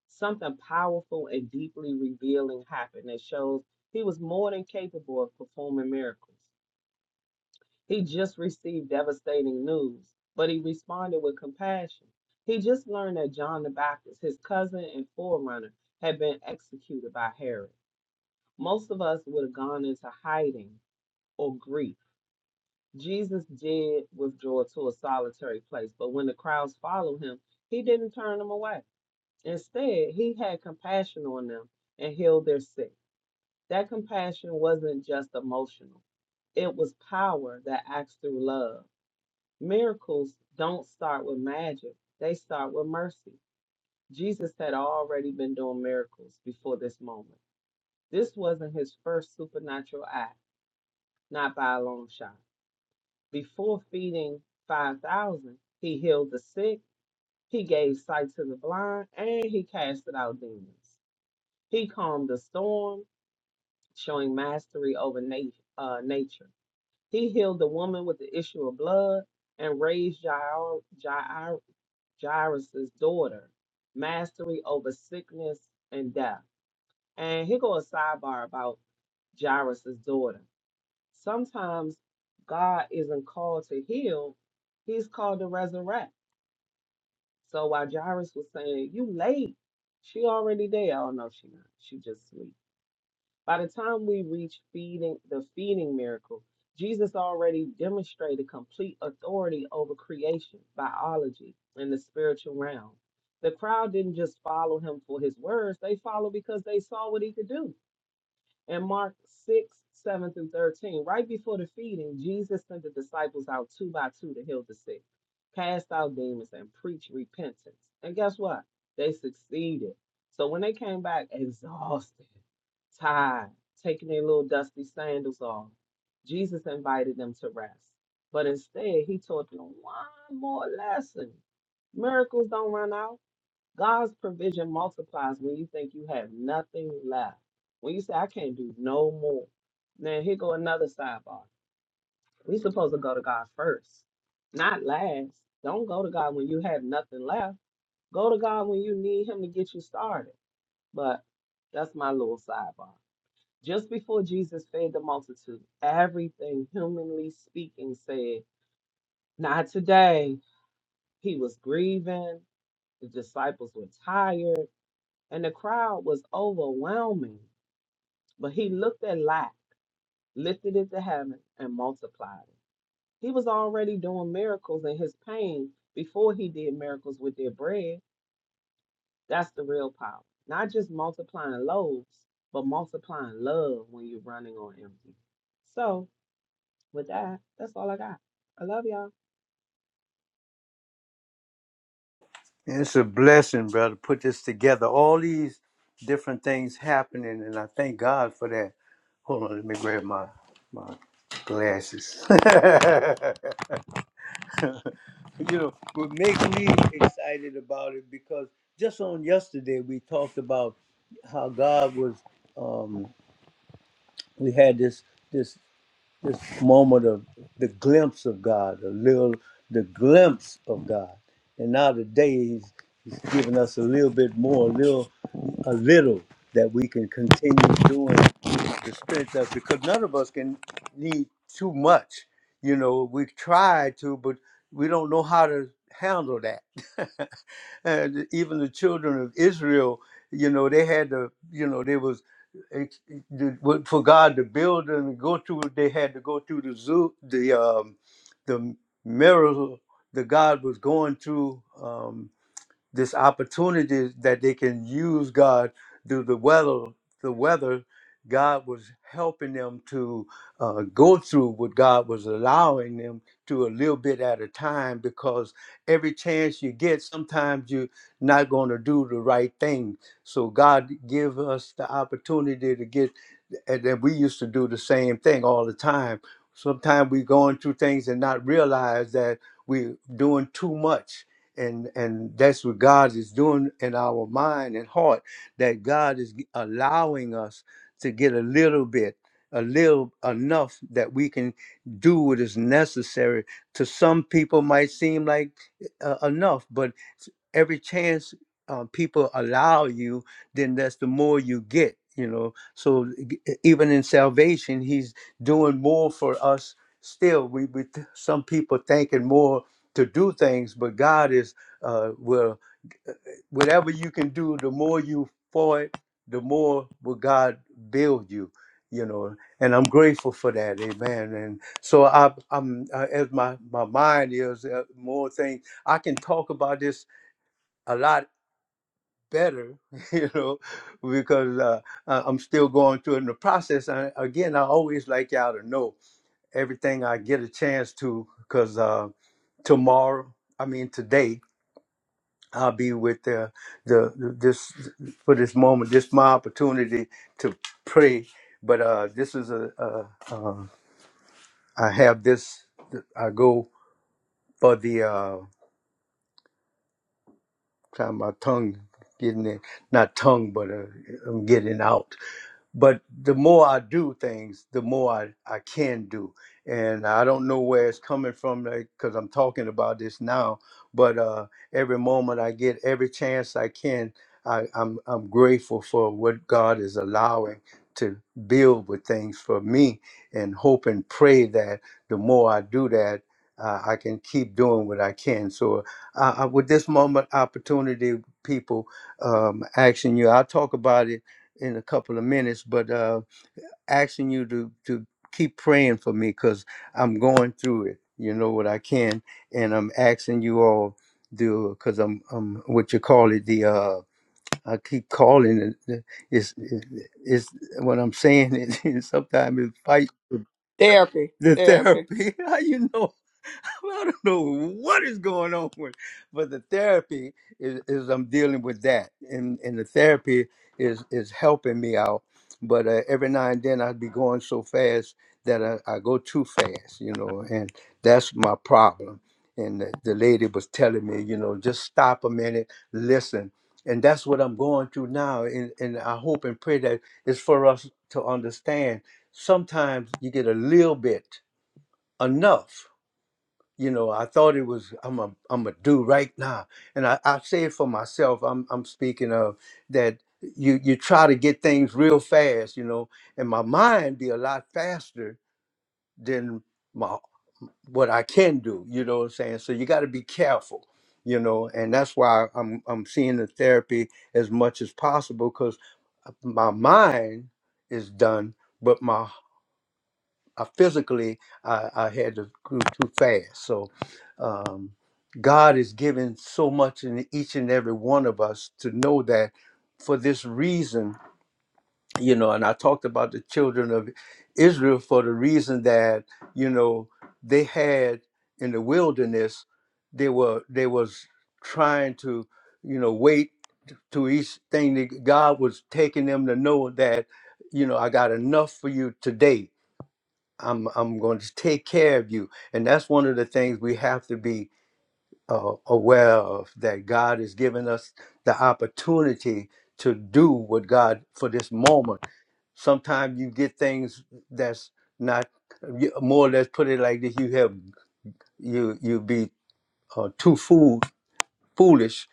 Something powerful and deeply revealing happened that shows he was more than capable of performing miracles. He just received devastating news, but he responded with compassion. He just learned that John the Baptist, his cousin and forerunner, had been executed by Herod. Most of us would have gone into hiding or grief. Jesus did withdraw to a solitary place, but when the crowds followed him, he didn't turn them away. Instead, he had compassion on them and healed their sick. That compassion wasn't just emotional, it was power that acts through love. Miracles don't start with magic, they start with mercy. Jesus had already been doing miracles before this moment. This wasn't his first supernatural act, not by a long shot. Before feeding 5,000, he healed the sick, he gave sight to the blind, and he casted out demons. He calmed the storm, showing mastery over na- uh, nature. He healed the woman with the issue of blood and raised Jair- Jair- Jairus' daughter, mastery over sickness and death. And here goes a sidebar about Jairus' daughter. Sometimes God isn't called to heal, he's called to resurrect. So while Jairus was saying, You late, she already there. Oh no, she not. She just sleep. By the time we reach feeding the feeding miracle, Jesus already demonstrated complete authority over creation, biology, and the spiritual realm. The crowd didn't just follow him for his words, they followed because they saw what he could do. In Mark 6, 7 through 13, right before the feeding, Jesus sent the disciples out two by two to heal the sick, cast out demons, and preach repentance. And guess what? They succeeded. So when they came back exhausted, tired, taking their little dusty sandals off, Jesus invited them to rest. But instead, he taught them one more lesson miracles don't run out God's provision multiplies when you think you have nothing left. When you say, I can't do no more. Now, here go another sidebar. we supposed to go to God first, not last. Don't go to God when you have nothing left. Go to God when you need Him to get you started. But that's my little sidebar. Just before Jesus fed the multitude, everything humanly speaking said, Not today. He was grieving. The disciples were tired. and the crowd was overwhelming. But he looked at Lot, lifted it to heaven, and multiplied it. He was already doing miracles in his pain before he did miracles with their bread. That's the real power. Not just multiplying loaves, but multiplying love when you're running on empty. So, with that, that's all I got. I love y'all. And it's a blessing, brother, put this together. All these different things happening, and I thank God for that. Hold on, let me grab my, my glasses. [laughs] you know what makes me excited about it because just on yesterday we talked about how God was um we had this this this moment of the glimpse of God, a little the glimpse of God. And now today he's he's giving us a little bit more, a little a little that we can continue doing the spirit stuff because none of us can need too much. You know, we try to, but we don't know how to handle that. [laughs] and even the children of Israel, you know, they had to, you know, they was ex- the- what- for God to build and go through. They had to go through the zoo, the um, the mirror that God was going through. Um, this opportunity that they can use God through the weather. The weather, God was helping them to uh, go through what God was allowing them to a little bit at a time because every chance you get, sometimes you're not going to do the right thing. So God give us the opportunity to get, and then we used to do the same thing all the time. Sometimes we going through things and not realize that we're doing too much and and that's what God is doing in our mind and heart that God is allowing us to get a little bit a little enough that we can do what is necessary to some people might seem like uh, enough but every chance uh, people allow you then that's the more you get you know so g- e, even in salvation he's doing more for us still we, we some people thinking more to do things, but God is uh, will whatever you can do, the more you for it, the more will God build you, you know. And I'm grateful for that, Amen. And so I, I'm uh, as my my mind is uh, more things I can talk about this a lot better, [laughs] you know, because uh, I- I'm still going through it in the process. And again, I always like y'all to know everything I get a chance to, because uh, tomorrow, I mean today. I'll be with the, the the- this for this moment. This my opportunity to pray, but uh, this is a, a, a I have this. I go for the uh, try my tongue getting it, not tongue, but uh, I'm getting out. but the more I do things, the more I, I can do. And I don't know where it's coming from because I'm talking about this now. But uh, every moment I get, every chance I can, I, I'm, I'm grateful for what God is allowing to build with things for me and hope and pray that the more I do that, uh, I can keep doing what I can. So, uh, I, with this moment opportunity, people um, asking you, I'll talk about it in a couple of minutes, but uh, asking you to to keep praying for me because I'm going through it. You know what I can, and I'm asking you all to because I'm I'm what you call it the uh I keep calling it it's it's what I'm saying is [laughs] sometimes it fight Therapy, the therapy. therapy. [laughs] How you know? I don't know [laughs] what is going on with, but the therapy is, is I'm dealing with that, and and the therapy is is helping me out. But uh, every now and then I'd be going so fast that I, I go too fast, you know, and that's my problem. And the, the lady was telling me, you know, just stop a minute, listen, and that's what I'm going through now. And and I hope and pray that it's for us to understand. Sometimes you get a little bit enough you know i thought it was i'm a i'm a do right now and i i say it for myself i'm i'm speaking of that you you try to get things real fast you know and my mind be a lot faster than my what i can do you know what i'm saying so you got to be careful you know and that's why i'm i'm seeing the therapy as much as possible because my mind is done, but my I physically I, I had to go too fast. So um, God is giving so much in each and every one of us to know that for this reason, you know, and I talked about the children of Israel for the reason that, you know, they had in the wilderness, they were they was trying to, you know, wait to each thing that God was taking them to know that, you know, I got enough for you today I'm I'm going to take care of you. And that's one of the things we have to be uh, aware of that God has given us the opportunity to do what God for this moment. Sometimes you get things that's not you- more or less put it like this. You have you you be uh, too fool, foolish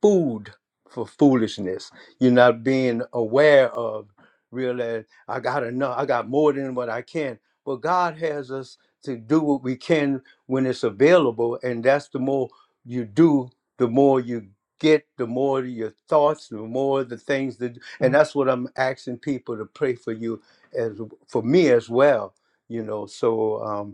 food for foolishness. You're not being aware of realize I got enough, I got more than what I can. But God has us to do what we can when it's available, and that's the more you do, the more you get, the more your thoughts, the more the things that and that's what I'm asking people to pray for you as for me as well. You know, so um,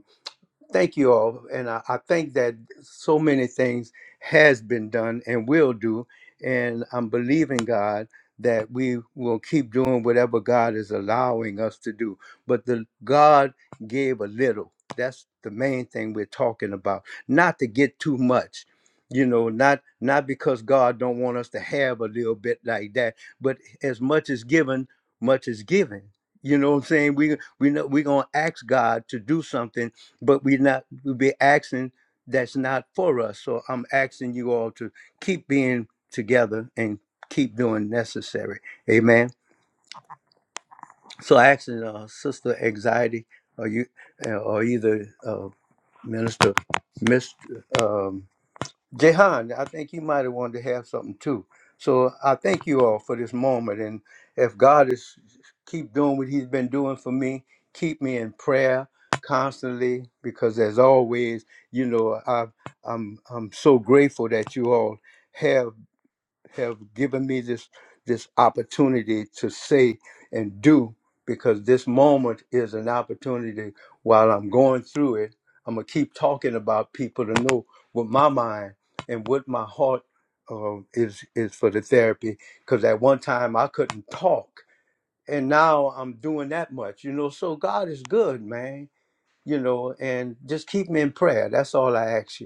thank you all and I, I think that so many things has been done and will do and i'm believing god that we will keep doing whatever god is allowing us to do but the god gave a little that's the main thing we're talking about not to get too much you know not not because god don't want us to have a little bit like that but as much is given much is given you know what i'm saying we we know we're gonna ask god to do something but we not we be asking that's not for us. So I'm asking you all to keep being together and keep doing necessary. Amen. So I asking uh, Sister Anxiety, or you, uh, or either uh, Minister, Mister. um, Jehan, I think you might have wanted to have something too. So I thank you all for this moment. And if God is keep doing what He's been doing for me, keep me in prayer constantly because as always, you know, I, I'm I'm so grateful that you all have have given me this this opportunity to say and do because this moment is an opportunity while I'm going through it. I'm gonna keep talking about people to know what my mind and what my heart uh, is is for the therapy. Because at one time I couldn't talk, and now I'm doing that much, you know. So God is good, man, you know. And just keep me in prayer. That's all I ask you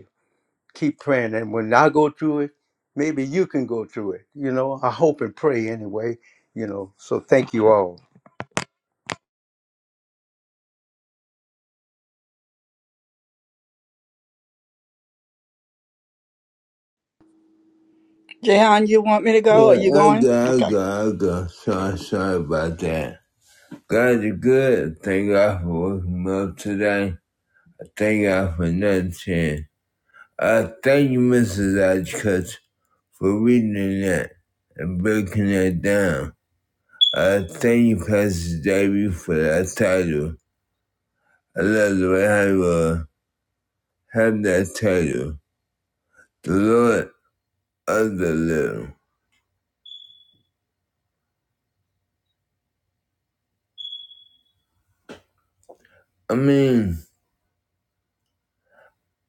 keep praying. And when I go through it, maybe you can go through it. You know, I hope and pray anyway. You know, so thank you all. Jehan, you want me to go? Are Yeah, you I going? got, I Okay. got, I got. Sorry, sorry about that. God is good. Thank God for waking me up today. Thank God for another chance. Uh, thank you, Mrs. Hodgkiss, for reading that and breaking that down. I thank you, Pastor Davey, for that title. I love the way I you uh, have that title, the Lord of the Little. I mean,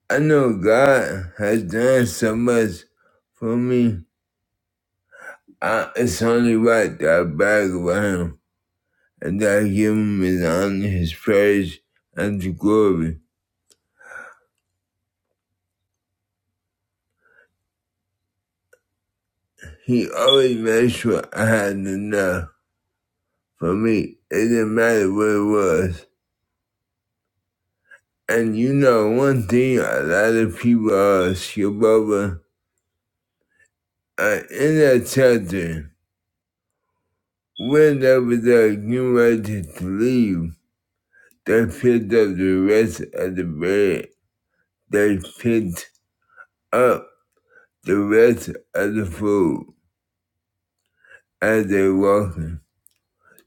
I know God has done so much for me. I, it's only right that I brag about Him and that I give Him His honor, His praise, and His glory. He always made sure I had enough for me. It didn't matter what it was. And you know, one thing a lot of people ask your brother, uh, in that chapter, whenever they're getting ready to leave, they picked up the rest of the bread. They picked up the rest of the food as they walking.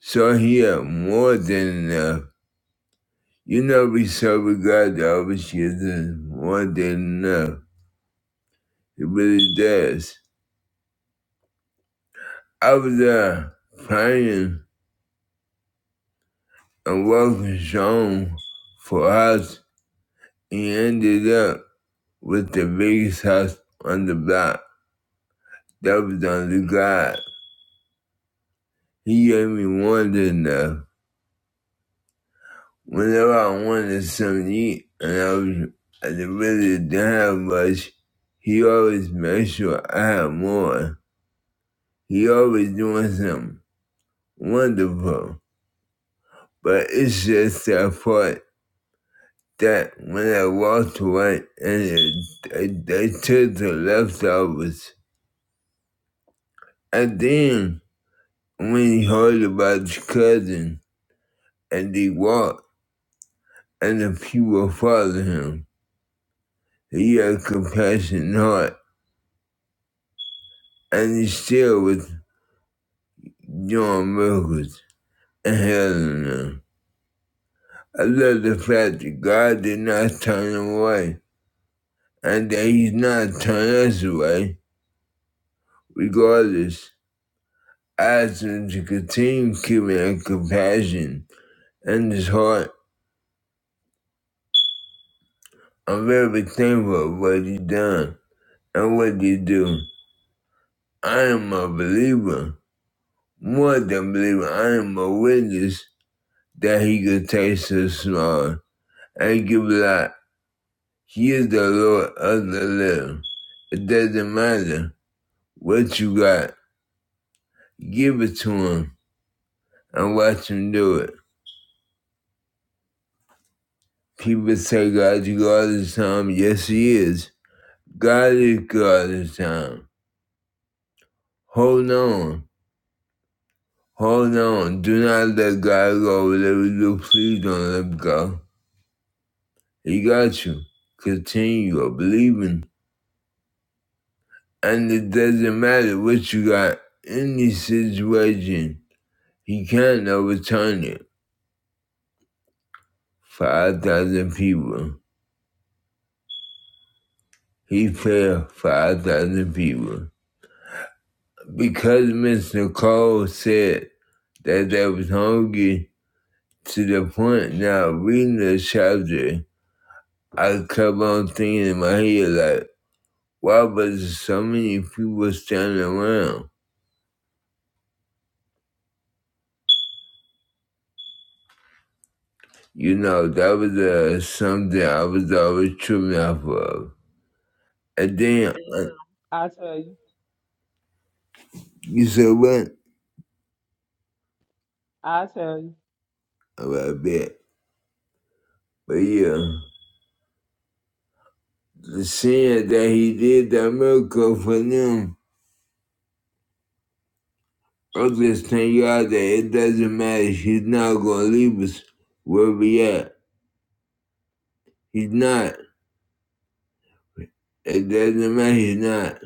So he had more than enough. You know, we serve a God that always gives us more than enough. He really does. I was uh, praying and working zone for us. He ended up with the biggest house on the block. That was on the God. He gave me more enough. Whenever I wanted something to eat and I was I really didn't have much, he always made sure I had more. He always doing something wonderful. But it's just that part that when I walked away and it, they, they took the leftovers And then when he heard about his cousin and he walked and the people followed him, he had compassion heart and he still was doing miracles and healing them. I love the fact that God did not turn him away and that he's not turning us away. Regardless, I ask him to continue keeping that compassion and his heart. I'm very thankful for what He's done and what he do. I am a believer, more than believer. I am a witness that he could taste the small and give life. He is the Lord of the living. It doesn't matter what you got, give it to him and watch him do it. People say God's God is time. Yes, he is. God is God is time. Hold on. Hold on. Do not let God go. Whatever you do, please don't let go. He got you. Continue believing. And it doesn't matter what you got in this situation. He can't overturn it. 5,000 people. He failed 5,000 people. Because Mr. Cole said that they was hungry to the point now reading the chapter, I kept on thinking in my head like, why was so many people standing around? You know, that was uh, something I was always tripping off of. And then, uh, I tell you, you said what? I tell you, About that. But yeah, the seeing that he did that miracle for them, i just tell you all that it doesn't matter. He's not going to leave us where we at. He's not. It doesn't matter. He's not.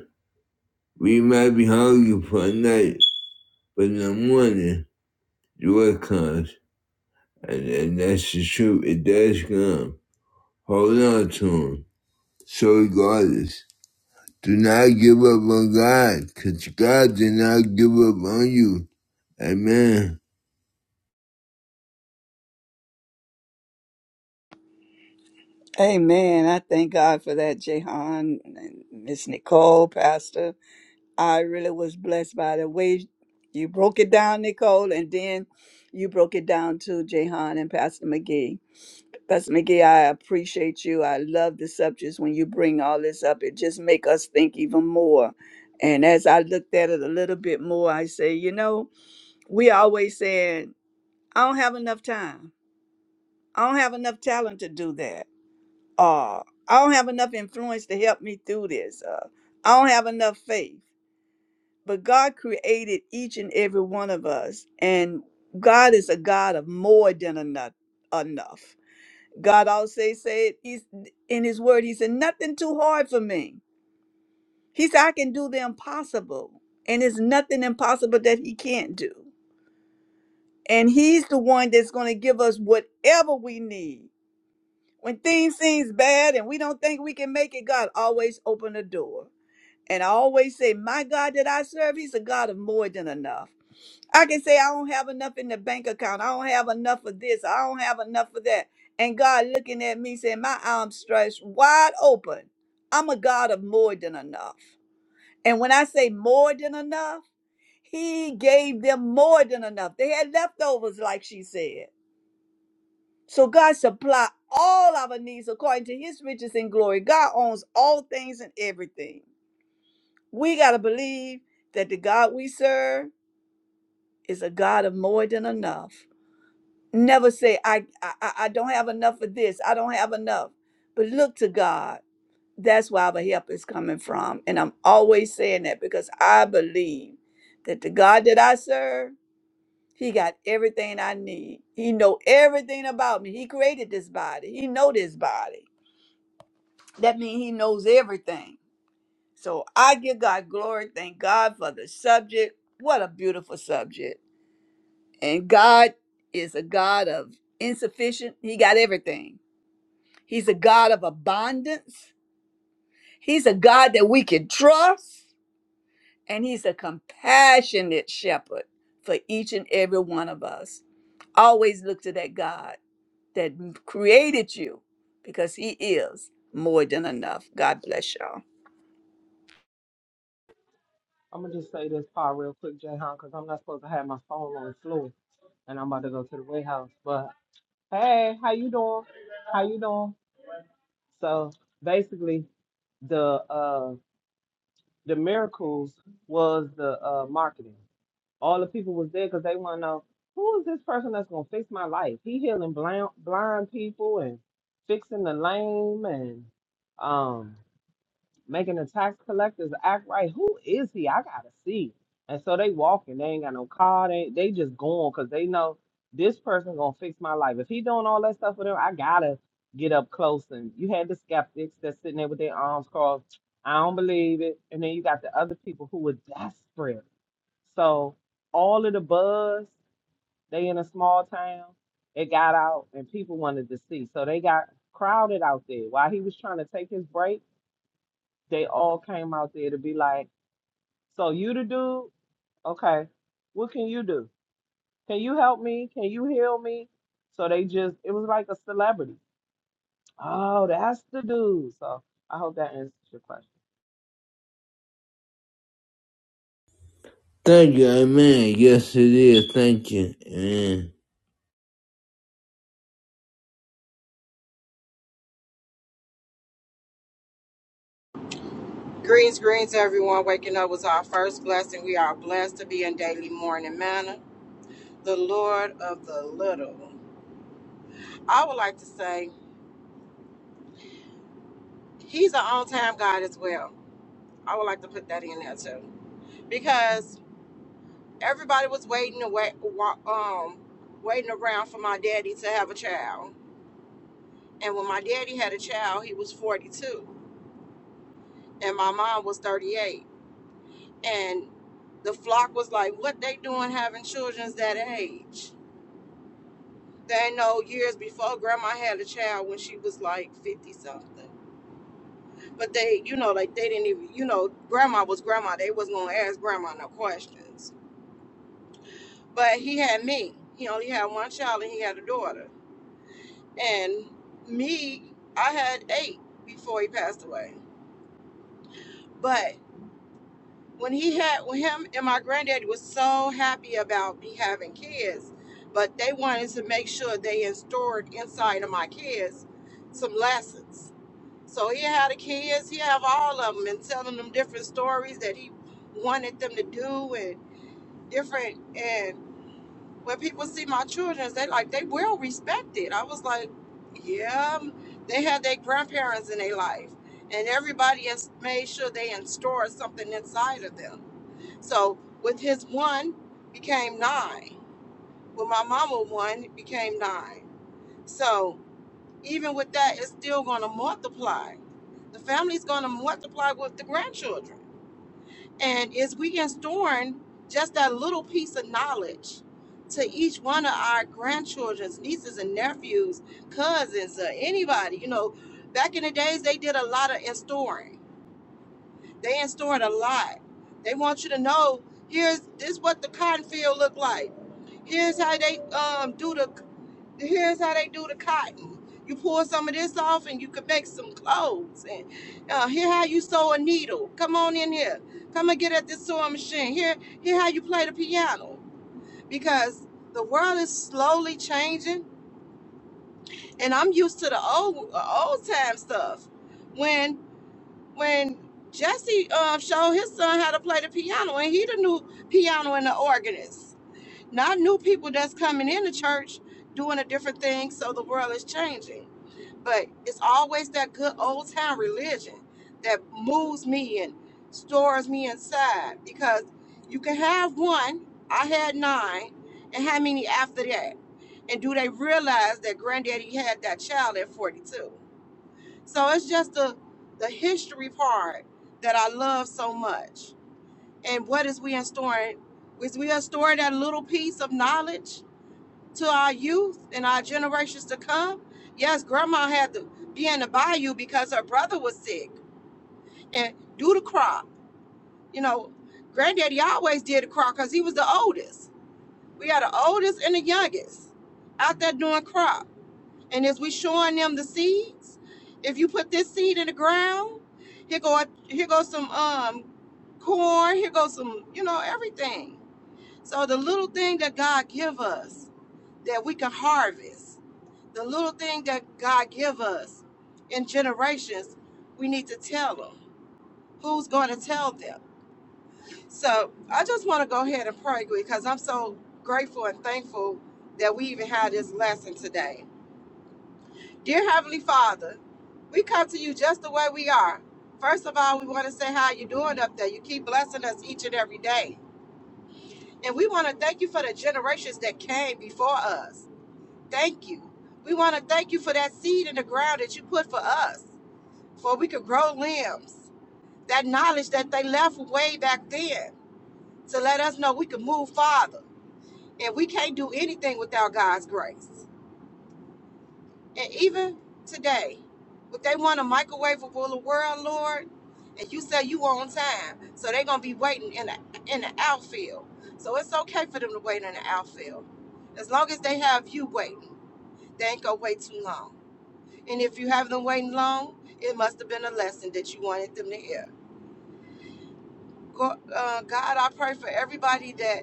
We might be hungry for a night, but in the morning, joy comes. And, and that's the truth. It does come. Hold on to him. So regardless, do not give up on God, because God did not give up on you. Amen. Amen. I thank God for that, Jehan and Miss Nicole, Pastor. I really was blessed by the way you broke it down, Nicole, and then you broke it down to Jehan and Pastor McGee. Pastor McGee, I appreciate you. I love the subjects when you bring all this up. It just make us think even more. And as I looked at it a little bit more, I say, you know, we always saying, I don't have enough time. I don't have enough talent to do that. Uh, I don't have enough influence to help me through this. Uh, I don't have enough faith. But God created each and every one of us, and God is a God of more than enough. enough. God always say, said he's, in His Word, He said, "Nothing too hard for me." He said, "I can do the impossible, and it's nothing impossible that He can't do." And He's the one that's going to give us whatever we need When things seems bad and we don't think we can make it, God always open the door. And I always say, my God that I serve, he's a God of more than enough. I can say I don't have enough in the bank account. I don't have enough of this. I don't have enough of that. And God looking at me saying, my arms stretched wide open. I'm a God of more than enough. And when I say more than enough, he gave them more than enough. They had leftovers, like she said. So God supply all our needs according to his riches and glory. God owns all things and everything. We got to believe that the God we serve is a God of more than enough. Never say I, I I I don't have enough of this. I don't have enough. But look to God. That's where our help is coming from. And I'm always saying that because I believe that the God that I serve he got everything I need. He know everything about me. He created this body. He know this body That means he knows everything. So I give God glory. Thank God for the subject. What a beautiful subject. And God is a God of insufficient. He got everything. He's a God of abundance. He's a God that we can trust. And he's a compassionate shepherd for each and every one of us. Always look to that God that created you because he is more than enough. God bless y'all. I'm gonna just say this part real quick, Jay because I'm not supposed to have my phone on the floor, and I'm about to go to the warehouse. But Hey, how you doing? How you doing? So basically, the uh the miracles was the uh marketing. All the people was there because they want to know who is this person that's gonna fix my life. He healing blind blind people and fixing the lame and um making the tax collectors act right. Who is he? I gotta see. And so they walking. They ain't got no car. They they just going because they know this person gonna fix my life. If he doing all that stuff for them, I gotta get up close. And you had the skeptics that's sitting there with their arms crossed. I don't believe it. And then you got the other people who were desperate. So all of the buzz, they in a small town, it got out and people wanted to see. So they got crowded out there while he was trying to take his break they all came out there to be like, so you the dude? Okay, what can you do? Can you help me? Can you heal me? So they just, it was like a celebrity. Oh, that's the dude. So I hope that answers your question. Thank you, amen. Yes, it is. Thank you. Amen. Greens, greens, everyone. Waking up was our first blessing. We are blessed to be in daily morning manner. The Lord of the little. I would like to say he's an on time God as well. I would like to put that in there too. Because everybody was waiting to wait, wa- um, waiting around for my daddy to have a child. And when my daddy had a child, he was 42 and my mom was 38. And the flock was like, what they doing having children's that age? They know years before grandma had a child when she was like 50 something. But they, you know, like they didn't even, you know, grandma was grandma. They wasn't going to ask grandma no questions. But he had me. He only had one child and he had a daughter. And me, I had eight before he passed away. But when he had, when him and my granddaddy was so happy about me having kids, but they wanted to make sure they installed inside of my kids some lessons So he had the kids, he have all of them, and telling them different stories that he wanted them to do and different. And when people see my children, they like they well respected. I was like, yeah, um, they had their grandparents in their life, and everybody has made sure they installed something inside of them. So with his one became nine. With my mama one it became nine. So even with that, it's still going to multiply. The family's going to multiply with the grandchildren. And as we instilling just that little piece of knowledge to each one of our grandchildren's nieces and nephews, cousins, or anybody. You know, back in the days, they did a lot of instoring. They instilled a lot. They want you to know here's this what the cotton field looked like. Here's how they um, do the here's how they do the cotton. You pull some of this off and you can make some clothes. And uh, here how you sew a needle. Come on in here. Come and get at this sewing machine. Here, here how you play the piano. Because the world is slowly changing, and I'm used to the old uh, old time stuff. When when Jesse uh, showed his son how to play the piano, and he the new piano and the organist. Not new people that's coming in the church doing a different thing. So the world is changing but it's always that good old time religion that moves me and stores me inside because you can have one i had nine and how many after that and do they realize that granddaddy had that child at 42 so it's just the the history part that i love so much and what is we in storing is we are storing that little piece of knowledge to our youth and our generations to come. Yes, grandma had to be in the bayou because her brother was sick and do the crop. You know, granddaddy always did the crop because he was the oldest. We had the oldest and the youngest out there doing crop. And as we showing them the seeds, if you put this seed in the ground, here go here goes some um corn, here goes some, you know, everything. So the little thing that God give us that we can harvest The little thing that God give us in generations, we need to tell them. Who's going to tell them? So I just want to go ahead and pray because I'm so grateful and thankful that we even had this lesson today. Dear Heavenly Father, we come to you just the way we are. First of all, we want to say how you doing up there. You keep blessing us each and every day. And we want to thank you for the generations that came before us. Thank you. We want to thank you for that seed in the ground that you put for us. for we could grow limbs. That knowledge that they left way back then to let us know we could move farther. And we can't do anything without God's grace. And even today, if they want a microwavable world, Lord, and you say you on time, so they're gonna be waiting in the in the outfield. So it's okay for them to wait in the outfield. As long as they have you waiting, they ain't gonna wait too long. And if you have them waiting long, it must have been a lesson that you wanted them to hear. Go, uh, God, I pray for everybody that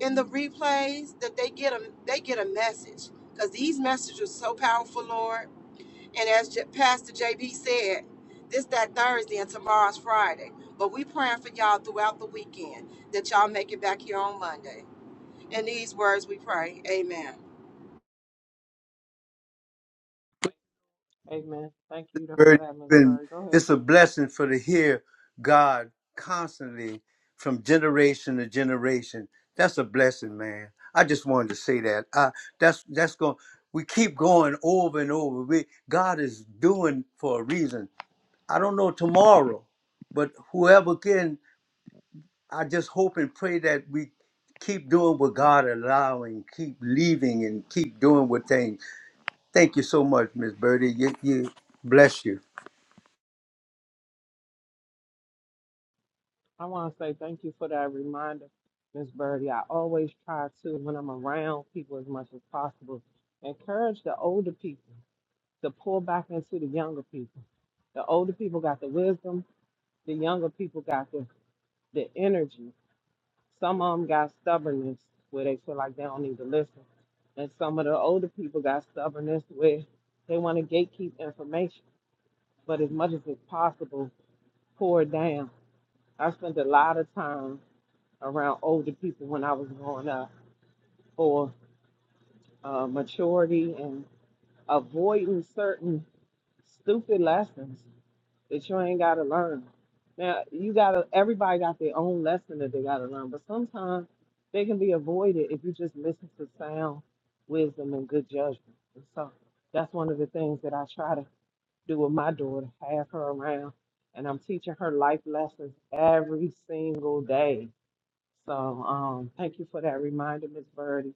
in the replays that they get a they get a message because these messages are so powerful, Lord. And as J- Pastor JB said, this that Thursday and tomorrow's Friday, but we praying for y'all throughout the weekend that y'all make it back here on Monday. In these words, we pray, Amen. Amen. Thank you for Very- that, Miss been- Birdie. Go ahead, It's a Pat. blessing for to hear God constantly from generation to generation. That's a blessing, man. I just wanted to say that. I, that's that's going. We keep going over and over. We God is doing for a reason. I don't know tomorrow, but whoever can I just hope and pray that we keep doing what God allowing, keep leaving, and keep doing what things. Thank you so much, Miss Birdie. You, you bless you. I want to say thank you for that reminder, Miss Birdie. I always try to, when I'm around people as much as possible, encourage the older people to pull back into the younger people. The older people got the wisdom, The younger people got the, the energy. Some of them got stubbornness where they feel like they don't need to listen. And some of the older people got stubbornness where they want to gatekeep information, but as much as it's possible, pour it down. I spent a lot of time around older people when I was growing up for uh, maturity and avoiding certain stupid lessons that you ain't gotta learn. Now you gotta everybody got their own lesson that they gotta learn, but sometimes they can be avoided if you just listen to sound wisdom and good judgment. And so that's one of the things that I try to do with my daughter, have her around and I'm teaching her life lessons every single day. So um thank you for that reminder, Miss Birdie.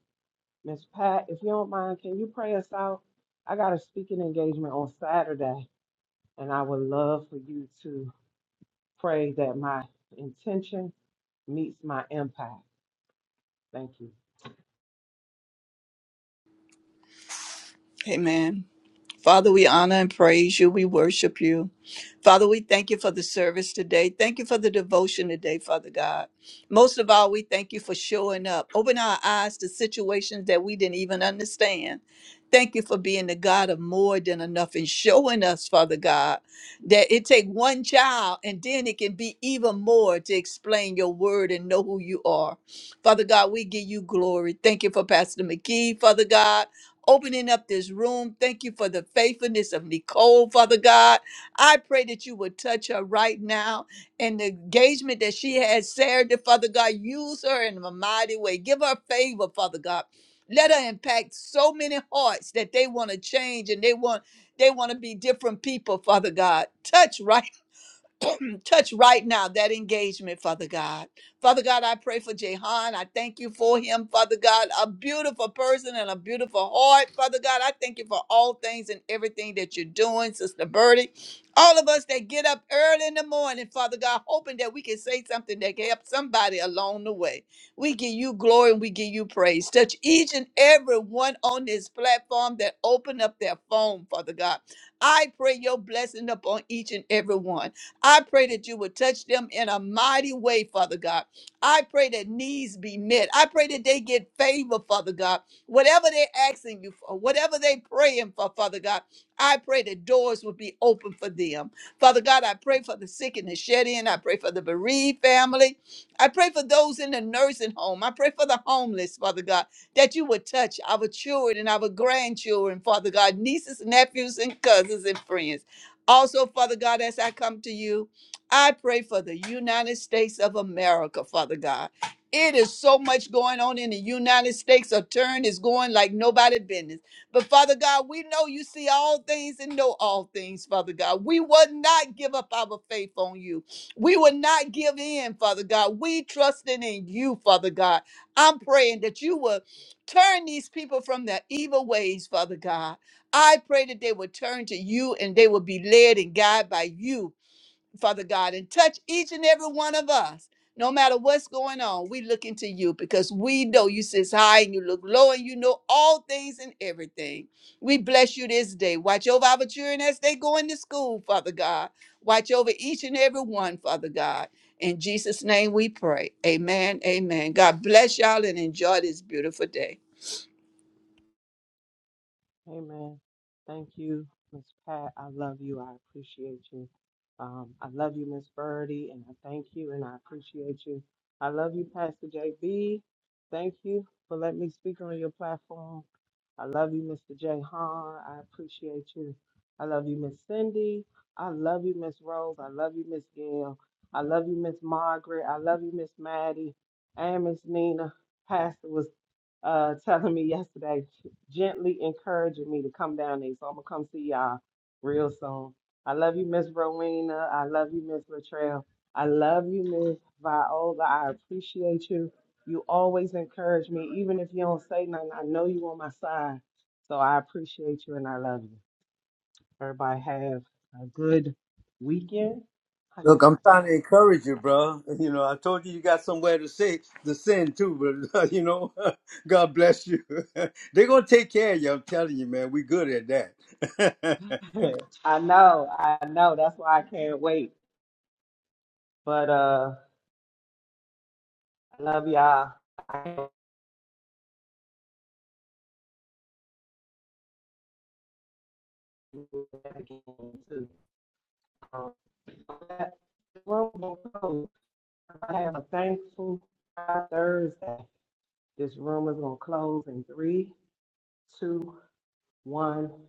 Miss Pat, if you don't mind, can you pray us out? I got a speaking engagement on Saturday and I would love for you to Pray that my intention meets my impact. Thank you. Amen. Father, we honor and praise you. We worship you. Father, we thank you for the service today. Thank you for the devotion today, Father God. Most of all, we thank you for showing up. Open our eyes to situations that we didn't even understand. Thank you for being the God of more than enough and showing us, Father God, that it take one child and then it can be even more to explain your word and know who you are. Father God, we give you glory. Thank you for Pastor McGee, Father God opening up this room. Thank you for the faithfulness of Nicole, Father God. I pray that you would touch her right now and the engagement that she has, Sarah, to Father God, use her in a mighty way. Give her favor, Father God. Let her impact so many hearts that they want to change and they want they want to be different people, Father God. Touch right Mm, touch right now that engagement, Father God. Father God, I pray for Jehan. I thank you for him, Father God. A beautiful person and a beautiful heart, Father God. I thank you for all things and everything that you're doing, Sister Birdie. All of us that get up early in the morning, Father God, hoping that we can say something that can help somebody along the way. We give you glory and we give you praise. Touch each and every one on this platform that open up their phone, Father God. I pray your blessing upon each and every one. I pray that you would touch them in a mighty way, Father God. I pray that needs be met. I pray that they get favor, Father God. Whatever they're asking you for, whatever they're praying for, Father God, I pray that doors will be open for them. Father God, I pray for the sick and the shed in. I pray for the bereaved family. I pray for those in the nursing home. I pray for the homeless, Father God, that you would touch our children and our grandchildren, Father God, nieces, nephews, and cousins and friends. Also, Father God, as I come to you, I pray for the United States of America, Father God. It is so much going on in the United States. A turn is going like nobody business. But Father God, we know you see all things and know all things, Father God. We will not give up our faith on you. We will not give in, Father God. We trusting in you, Father God. I'm praying that you will turn these people from their evil ways, Father God I pray that they will turn to you and they will be led and guided by you, Father God, and touch each and every one of us. No matter what's going on, we look into you because we know you sits high and you look low and you know all things and everything. We bless you this day. Watch over our children as they go into school, Father God. Watch over each and every one, Father God. In Jesus' name we pray. Amen. Amen. God bless y'all and enjoy this beautiful day. Amen. Thank you, Miss Pat. I love you. I appreciate you. Um, I love you, Miss Birdie, and I thank you and I appreciate you. I love you, Pastor JB. Thank you for letting me speak on your platform. I love you, Mr. J. Hahn. I appreciate you. I love you, Miss Cindy. I love you, Miss Rose. I love you, Miss Gail. I love you, Miss Margaret. I love you, Miss Maddie and Miss Nina. Pastor was uh, telling me yesterday, gently encouraging me to come down there. So I'm gonna come see y'all real soon. I love you, Miss Rowena. I love you, Miss Latrell. I love you, Miss Viola. I appreciate you. You always encourage me, even if you don't say nothing. I know you on my side, so I appreciate you and I love you. Everybody have a good weekend. How you Look, I'm trying to encourage you, bro. You know, I told you you got somewhere to say to send too, but [laughs] you know, [laughs] God bless you. [laughs] They're gonna take care of you. I'm telling you, man. We good at that. [laughs] doing? [laughs] I know, I know. That's why I can't wait. But uh, I love y'all. Um, that room close. I have a thankful Thursday. This room is gonna close in three, two, one.